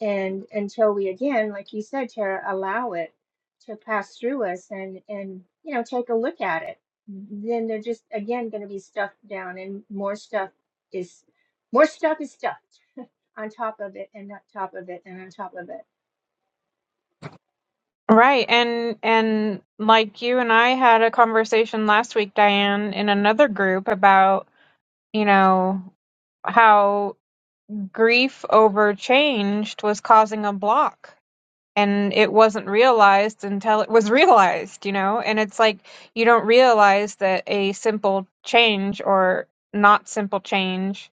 B: and until we again like you said tara allow it to pass through us and and you know take a look at it then they're just again going to be stuffed down and more stuff is more stuff is stuffed on top of it and on top of it and on top of it
F: Right, and and like you and I had a conversation last week, Diane, in another group about you know how Grief over changed was causing a block. And it wasn't realized until it was realized, you know? And it's like you don't realize that a simple change or not simple change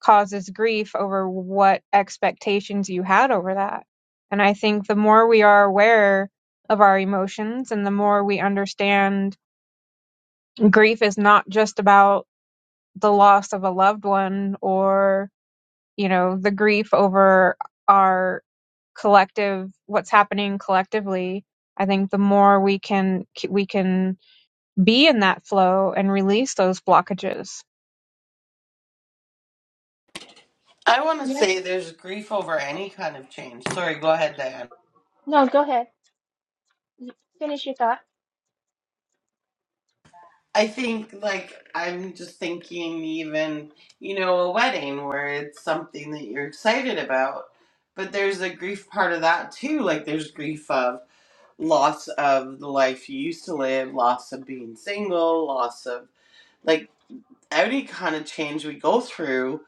F: causes grief over what expectations you had over that. And I think the more we are aware of our emotions and the more we understand grief is not just about the loss of a loved one or you know, the grief over our collective what's happening collectively i think the more we can we can be in that flow and release those blockages
A: I want to
B: yeah
A: say there's grief over any kind of change. Sorry, go ahead,
B: no go ahead y- finish your thought
A: I think like I'm just thinking even, you know, a wedding where it's something that you're excited about, but there's a grief part of that too. Like there's grief of loss of the life you used to live, loss of being single, loss of like any kind of change we go through,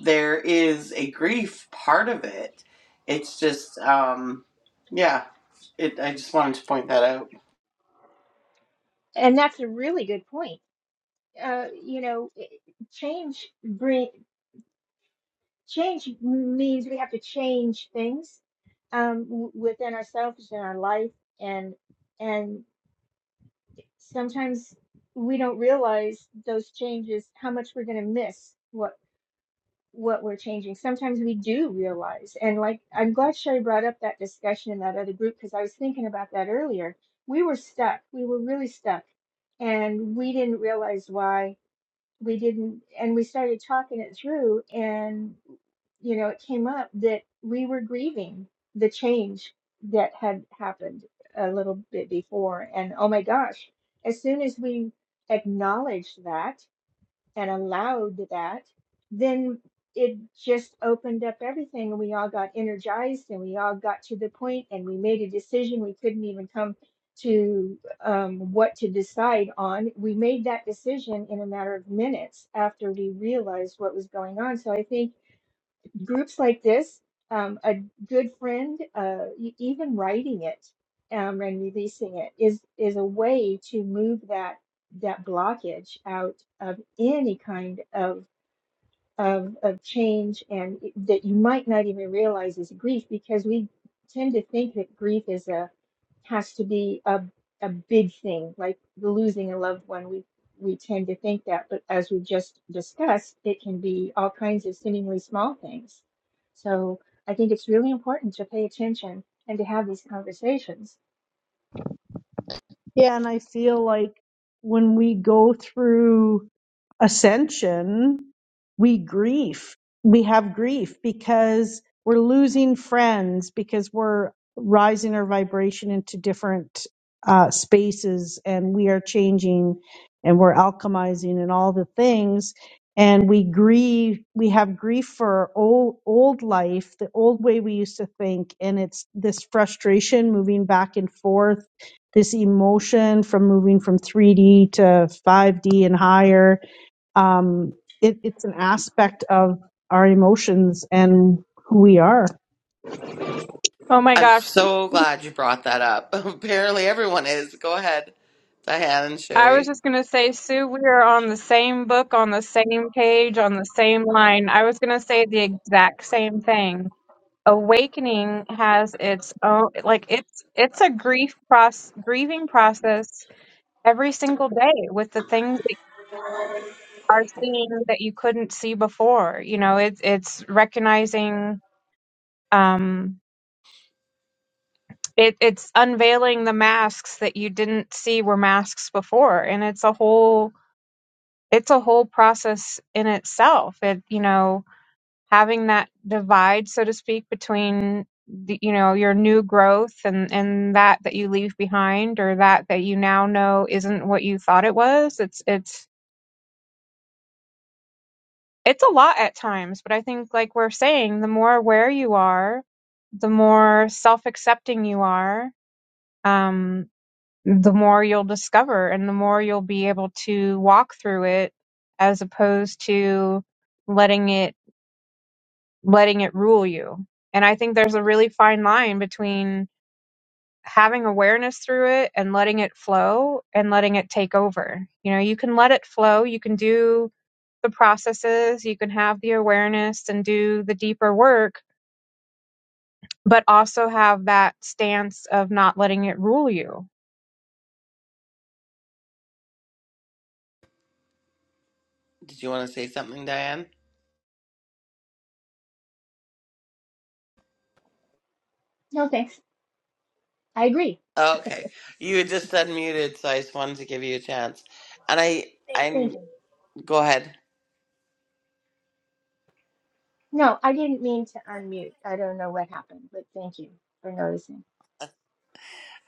A: there is a grief part of it. It's just um yeah, it I just wanted to point that out.
B: and that's a really good point uh you know i- change bring change means we have to change things um w- within ourselves and our life and and sometimes we don't realize those changes how much we're going to miss what. what we're changing. Sometimes we do realize. And like, I'm glad Sherry brought up that discussion in that other group because I was thinking about that earlier. We were stuck. We were really stuck. And we didn't realize why we didn't. And we started talking it through. And, you know, it came up that we were grieving the change that had happened a little bit before. And oh my gosh, as soon as we acknowledged that, and allowed that, then it just opened up everything and we all got energized and we all got to the point and we made a decision we couldn't even come to um, what to decide on. We made that decision in a matter of minutes after we realized what was going on. So I think groups like this, um, a good friend, uh, e- even writing it um, and releasing it is is a way to move that that blockage out of any kind of of, of change and it- that you might not even realize is grief because we tend to think that grief is a has to be a a big thing, like the losing a loved one. We we tend to think that, but as we just discussed, it can be all kinds of seemingly small things. So I think it's really important to pay attention and to have these conversations.
E: Yeah, and I feel like when we go through ascension, we grief. We have grief because we're losing friends, because we're rising our vibration into different uh, spaces and we are changing and we're alchemizing and all the things. And we grieve, we have grief for our old, old life, the old way we used to think. And it's this frustration moving back and forth this emotion from moving from 3D to 5D and higher. Um, it, it's an aspect of our emotions and who we are.
F: oh my
A: I'm
F: gosh
A: so glad you brought that up. Apparently, everyone is. Go ahead, Diane and
F: i was
A: Sherry.
F: just going to say sue we are on the same book on the same page on the same line i was going to say the exact same thing awakening has its own like it's it's a grief process grieving process every single day with the things are seeing that you couldn't see before. You know, it's it's recognizing um it it's unveiling the masks that you didn't see were masks before. And it's a whole it's a whole process in itself. It you know, having that divide, so to speak, between the, you know your new growth and and that that you leave behind or that that you now know isn't what you thought it was it's it's it's a lot at times, but I think, like we're saying, the more aware you are, the more self accepting you are, um, the more you'll discover and the more you'll be able to walk through it as opposed to letting it letting it rule you. And I think there's a really fine line between having awareness through it and letting it flow and letting it take over. You know, you can let it flow, you can do the processes, you can have the awareness and do the deeper work, but also have that stance of not letting it rule you.
A: Did you want to say something, Diane?
B: No, thanks. I agree.
A: Okay, you had just unmuted, so I just wanted to give you a chance. And I,
B: Thank
A: I'm.
B: you.
A: Go ahead.
B: No, I didn't mean to unmute. I don't know what happened, but thank you for noticing.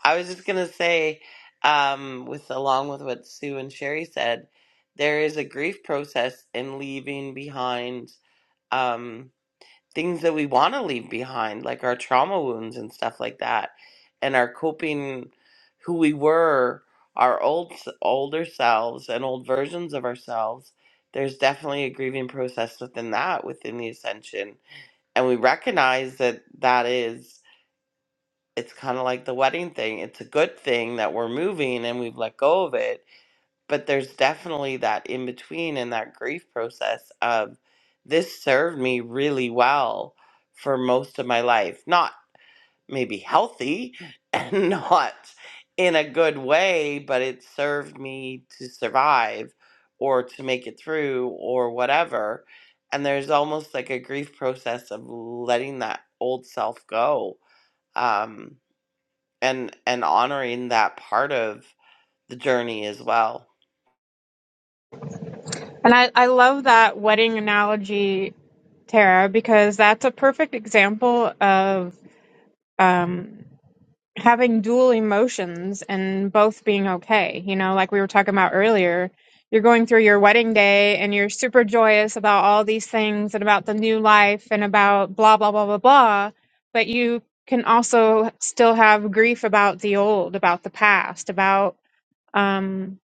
A: I was just gonna say, um, with along with what Sue and Sherry said, there is a grief process in leaving behind. Um, things that we want to leave behind, like our trauma wounds and stuff like that, and our coping, who we were, our old s- older selves and old versions of ourselves. There's definitely a grieving process within that, within the ascension, and we recognize that that is. It's kind of like the wedding thing. It's a good thing that we're moving and we've let go of it but there's definitely that in between and that grief process of this served me really well for most of my life not maybe healthy and not in a good way but it served me to survive or to make it through or whatever and there's almost like a grief process of letting that old self go um, and and honoring that part of the journey as well
F: And I, I love that wedding analogy, Tara, because that's a perfect example of. Um, having dual emotions and both being okay. You know, like we were talking about earlier, you're going through your wedding day and you're super joyous about all these things and about the new life and about blah, blah, blah, blah, blah. But you can also still have grief about the old, about the past, about, um,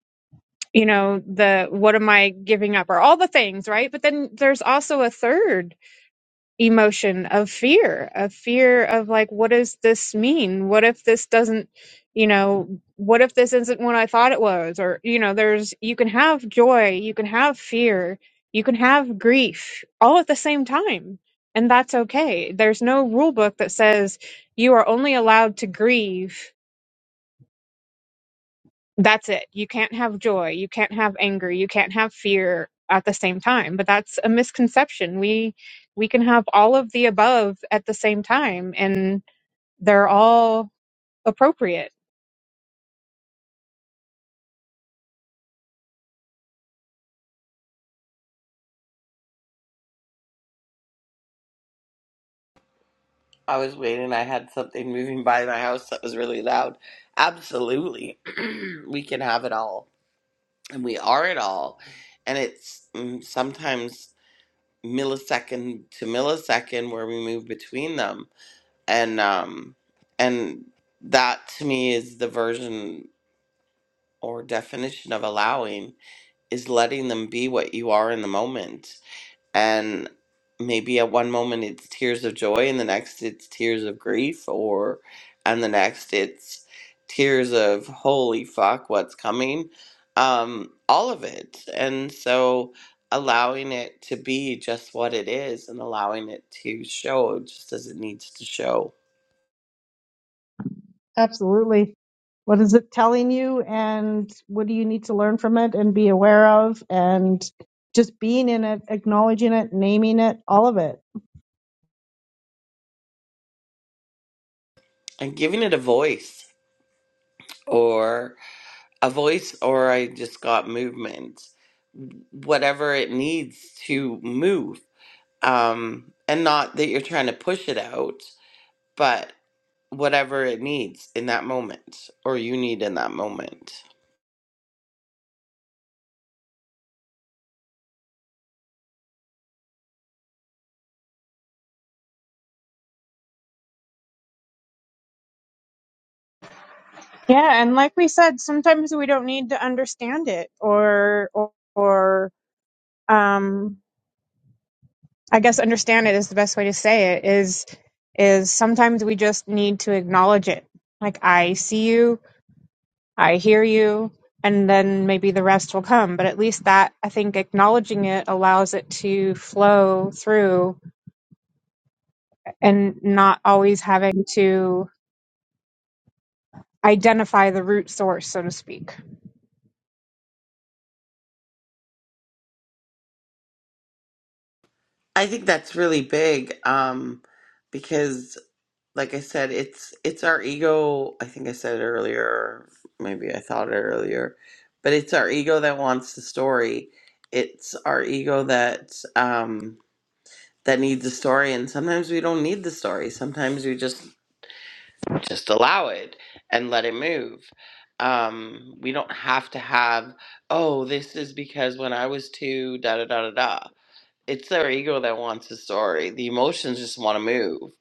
F: you know, the what am I giving up or all the things, right? But then there's also a third emotion of fear of fear of like what does this mean what if this doesn't you know what if this isn't what i thought it was or you know there's you can have joy you can have fear you can have grief all at the same time and that's okay there's no rule book that says you are only allowed to grieve that's it. You can't have joy. You can't have anger. You can't have fear at the same time. But that's a misconception. We we can have all of the above at the same time and they're all appropriate.
A: I was waiting. I had something moving by my house that was really loud. Absolutely. we can have it all. And we are it all. And it's mm, sometimes millisecond to millisecond where we move between them. And um and that to me is the version or definition of allowing is letting them be what you are in the moment and maybe at one moment it's tears of joy and the next it's tears of grief or and the next it's tears of holy fuck what's coming um all of it and so allowing it to be just what it is and allowing it to show just as it needs to show
E: Absolutely. What is it telling you and what do you need to learn from it and be aware of and just being in it, acknowledging it, naming it, all of it.
A: and giving it a voice or a voice or i just got movement whatever it needs to move um, and not that you're trying to push it out, but whatever it needs in that moment or you need in that moment.
F: Yeah, and like we said, sometimes we don't need to understand it or or, or um I guess understand it is the best way to say it is is sometimes we just need to acknowledge it. Like I see you I hear you, and then maybe the rest will come. But at least that, I think, acknowledging it allows it to flow through and not always having to identify the root source, so to speak.
A: I think that's really big um, because, like I said, it's it's our ego. I think I said it earlier, maybe I thought it earlier, but it's our ego that wants the story. It's our ego that um, that needs the story, and sometimes we don't need the story. Sometimes we just just allow it and let it move. Um, we don't have to have, oh, this is because when I was two, da da da da da. It's their ego that wants a story. The emotions just want to move.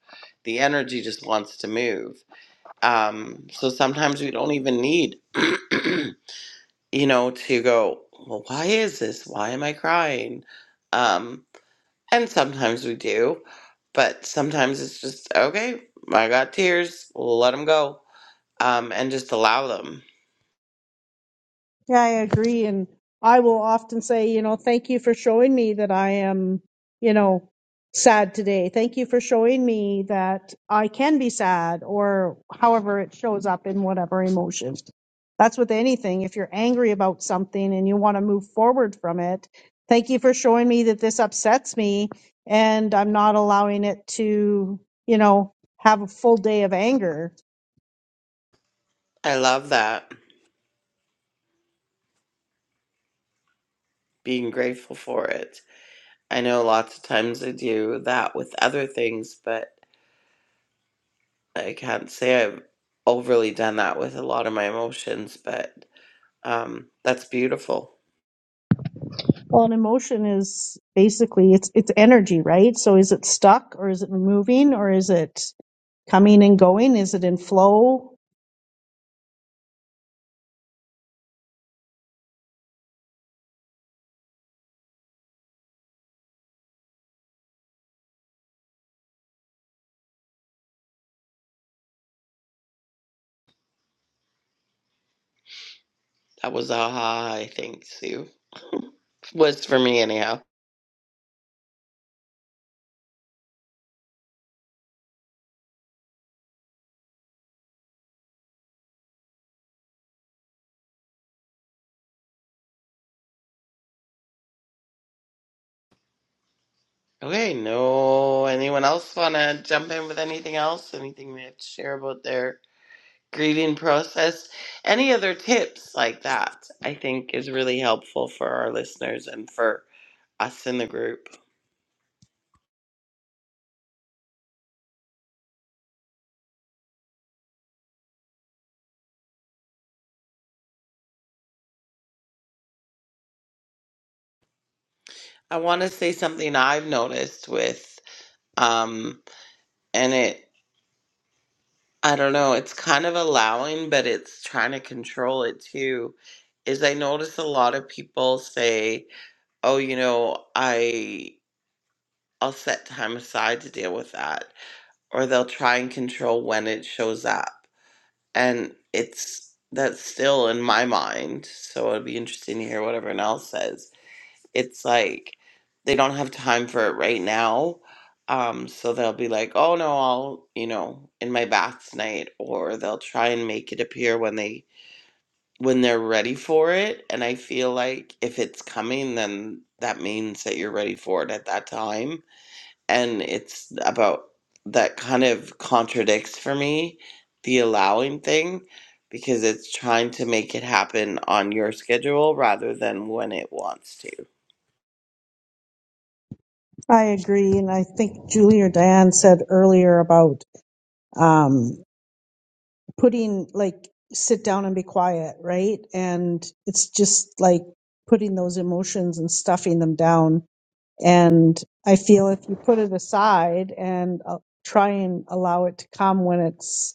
A: The energy just wants to move. Um, so sometimes we don't even need, you know, to go, well, why is this? Why am I crying? Um, and sometimes we do, but sometimes it's just, okay, I got tears, let them go um, and just allow them.
E: Yeah, I agree. And I will often say, you know, thank you for showing me that I am, you know, sad today. Thank you for showing me that I can be sad or however it shows up in whatever emotion. That's with anything. If you're angry about something and you want to move forward from it, thank you for showing me that this upsets me and I'm not allowing it to, you know, have a full day of anger
A: I love that, being grateful for it. I know lots of times I do that with other things, but I can't say I've overly done that with a lot of my emotions, but um, that's beautiful.
E: Well, an emotion is basically it's it's energy, right? So is it stuck or is it moving or is it coming and going? Is it in flow?
A: That was aha, I think, Sue. Was for me, anyhow. Okay, no, anyone else want to jump in with anything else? Anything they have to share about their grieving process. Any other tips like that, I think, is really helpful for our listeners and for us in the group. I want to say something I've noticed with, um, and it, I don't know, it's kind of allowing, but it's trying to control it too. Is I notice a lot of people say, oh, you know, I, I'll set time aside to deal with that. Or they'll try and control when it shows up and it's that's still in my mind so it'll be interesting to hear what everyone else says it's like they don't have time for it right now um so they'll be like oh no i'll you know in my bath tonight or they'll try and make it appear when they when they're ready for it and i feel like if it's coming then that means that you're ready for it at that time and it's about that kind of contradicts for me the allowing thing because it's trying to make it happen on your schedule rather than when it wants to.
E: I agree, and I think Julie or Diane said earlier about um, putting like sit down and be quiet, right? And it's just like putting those emotions and stuffing them down. And I feel if you put it aside and uh, try and allow it to come when it's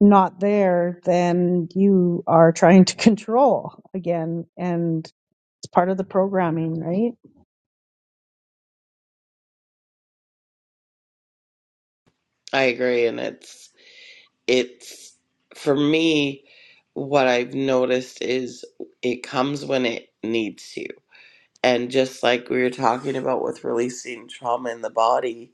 E: not there, then you are trying to control again. And it's part of the programming, right?
A: I agree and it's it's for me what I've noticed is it comes when it needs to. And just like we were talking about with releasing trauma in the body,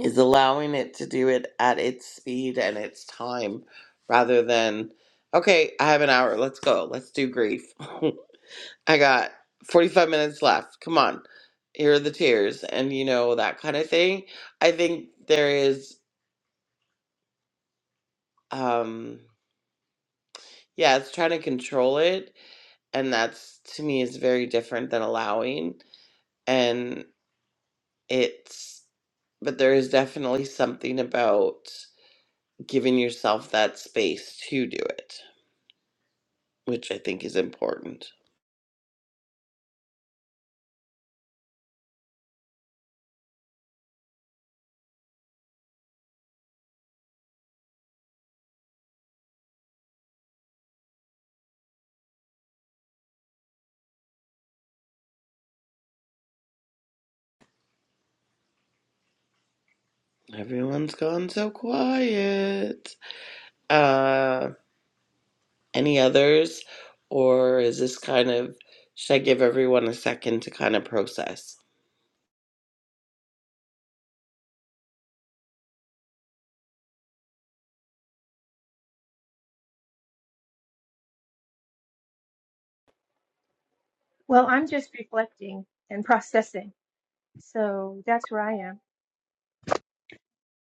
A: is allowing it to do it at its speed and its time rather than okay i have an hour let's go let's do grief i got 45 minutes left come on here are the tears and you know that kind of thing i think there is um yeah it's trying to control it and that's to me is very different than allowing and it's but there is definitely something about giving yourself that space to do it which I think is important. Everyone's gone so quiet. Uh, any others? Or is this kind of, should I give everyone a second to kind of process?
B: Well, I'm just reflecting and processing. So that's where I am.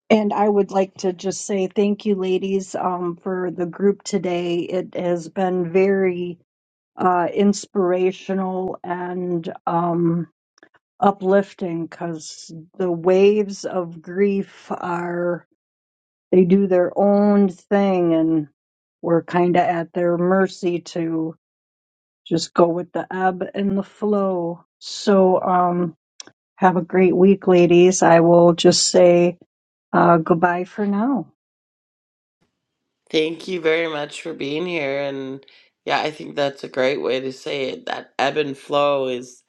D: And I would like to just say thank you, ladies, um, for the group today. It has been very uh, inspirational and um, uplifting because the waves of grief are. they do their own thing and we're kind of at their mercy to just go with the ebb and the flow. So, um, have a great week, ladies. I will just say, uh, goodbye for now.
A: Thank you very much for being here. And yeah, I think that's a great way to say it. That ebb and flow is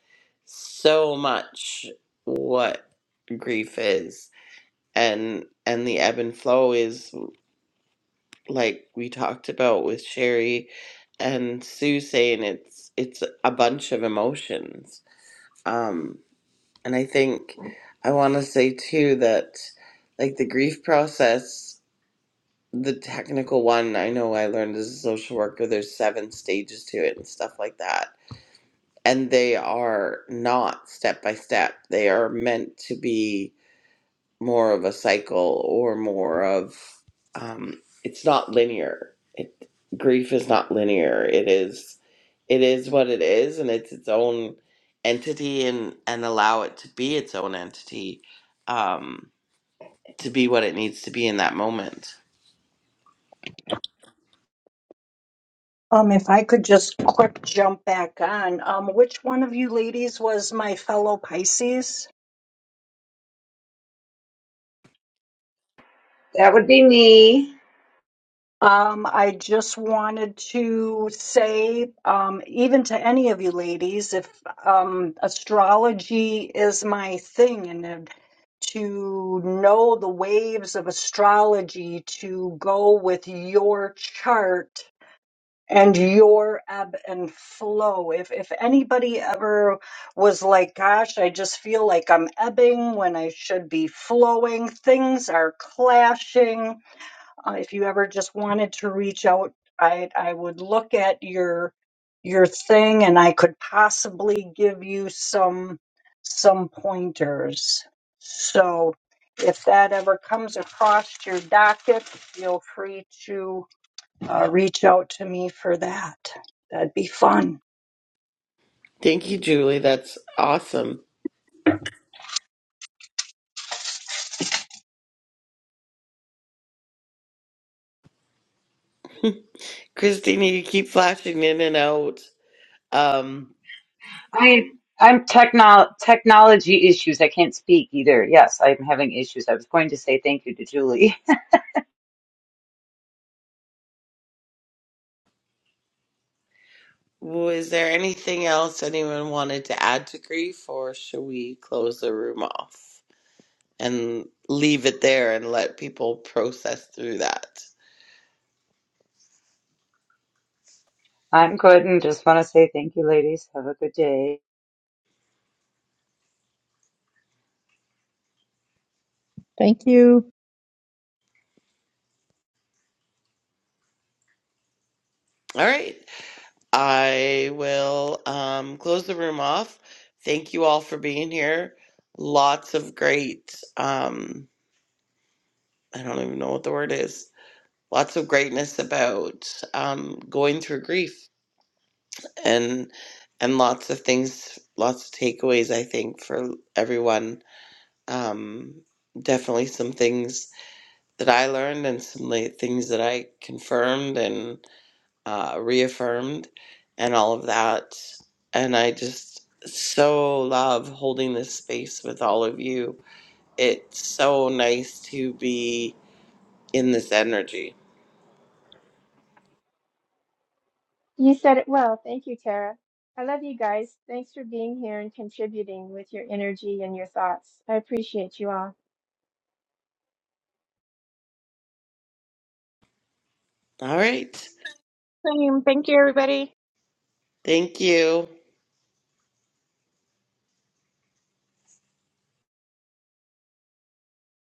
A: so much what grief is. And and the ebb and flow is like we talked about with Sherry and Sue saying it's it's a bunch of emotions. Um and I think I want to say too that like the grief process the technical one I know I learned as a social worker there's seven stages to it and stuff like that. And they are not step by step. They are meant to be more of a cycle or more of um, it's not linear it, grief is not linear it is it is what it is and it's its own entity and and allow it to be its own entity um, to be what it needs to be in that moment
D: Um, if I could just quick jump back on, um, which one of you ladies was my fellow Pisces?
C: That would be me.
D: Um, I just wanted to say, um, even to any of you ladies, if um, astrology is my thing, and then to know the waves of astrology, to go with your chart and your ebb and flow. If if anybody ever was like, "Gosh, I just feel like I'm ebbing when I should be flowing," things are clashing uh, if you ever just wanted to reach out i i would look at your your thing and i could possibly give you some some pointers so if that ever comes across your docket feel free to uh, reach out to me for that that'd be fun
A: thank you julie that's awesome christina you keep flashing in and out um,
C: I I'm techno technology issues. I can't speak either. Yes, I'm having issues. I was going to say thank you to Julie.
A: was there anything else anyone wanted to add to grief or should we close the room off and leave it there and let people process through that.
C: I'm good and just want to say thank you, ladies. Have a good day.
E: Thank you.
A: All right. I will um, close the room off. Thank you all for being here. Lots of great, um, I don't even know what the word is, lots of greatness about um, going through grief and and lots of things, lots of takeaways, I think, for everyone. Um, definitely some things that I learned and some la- things that I confirmed and. uh, reaffirmed and all of that. And I just so love holding this space with all of you. It's so nice to be in this energy.
B: You said it well. Thank you, Tara. I love you guys. Thanks for being here and contributing with your energy and your thoughts. I appreciate you all.
A: All right.
F: Same. Thank you, everybody.
A: Thank you.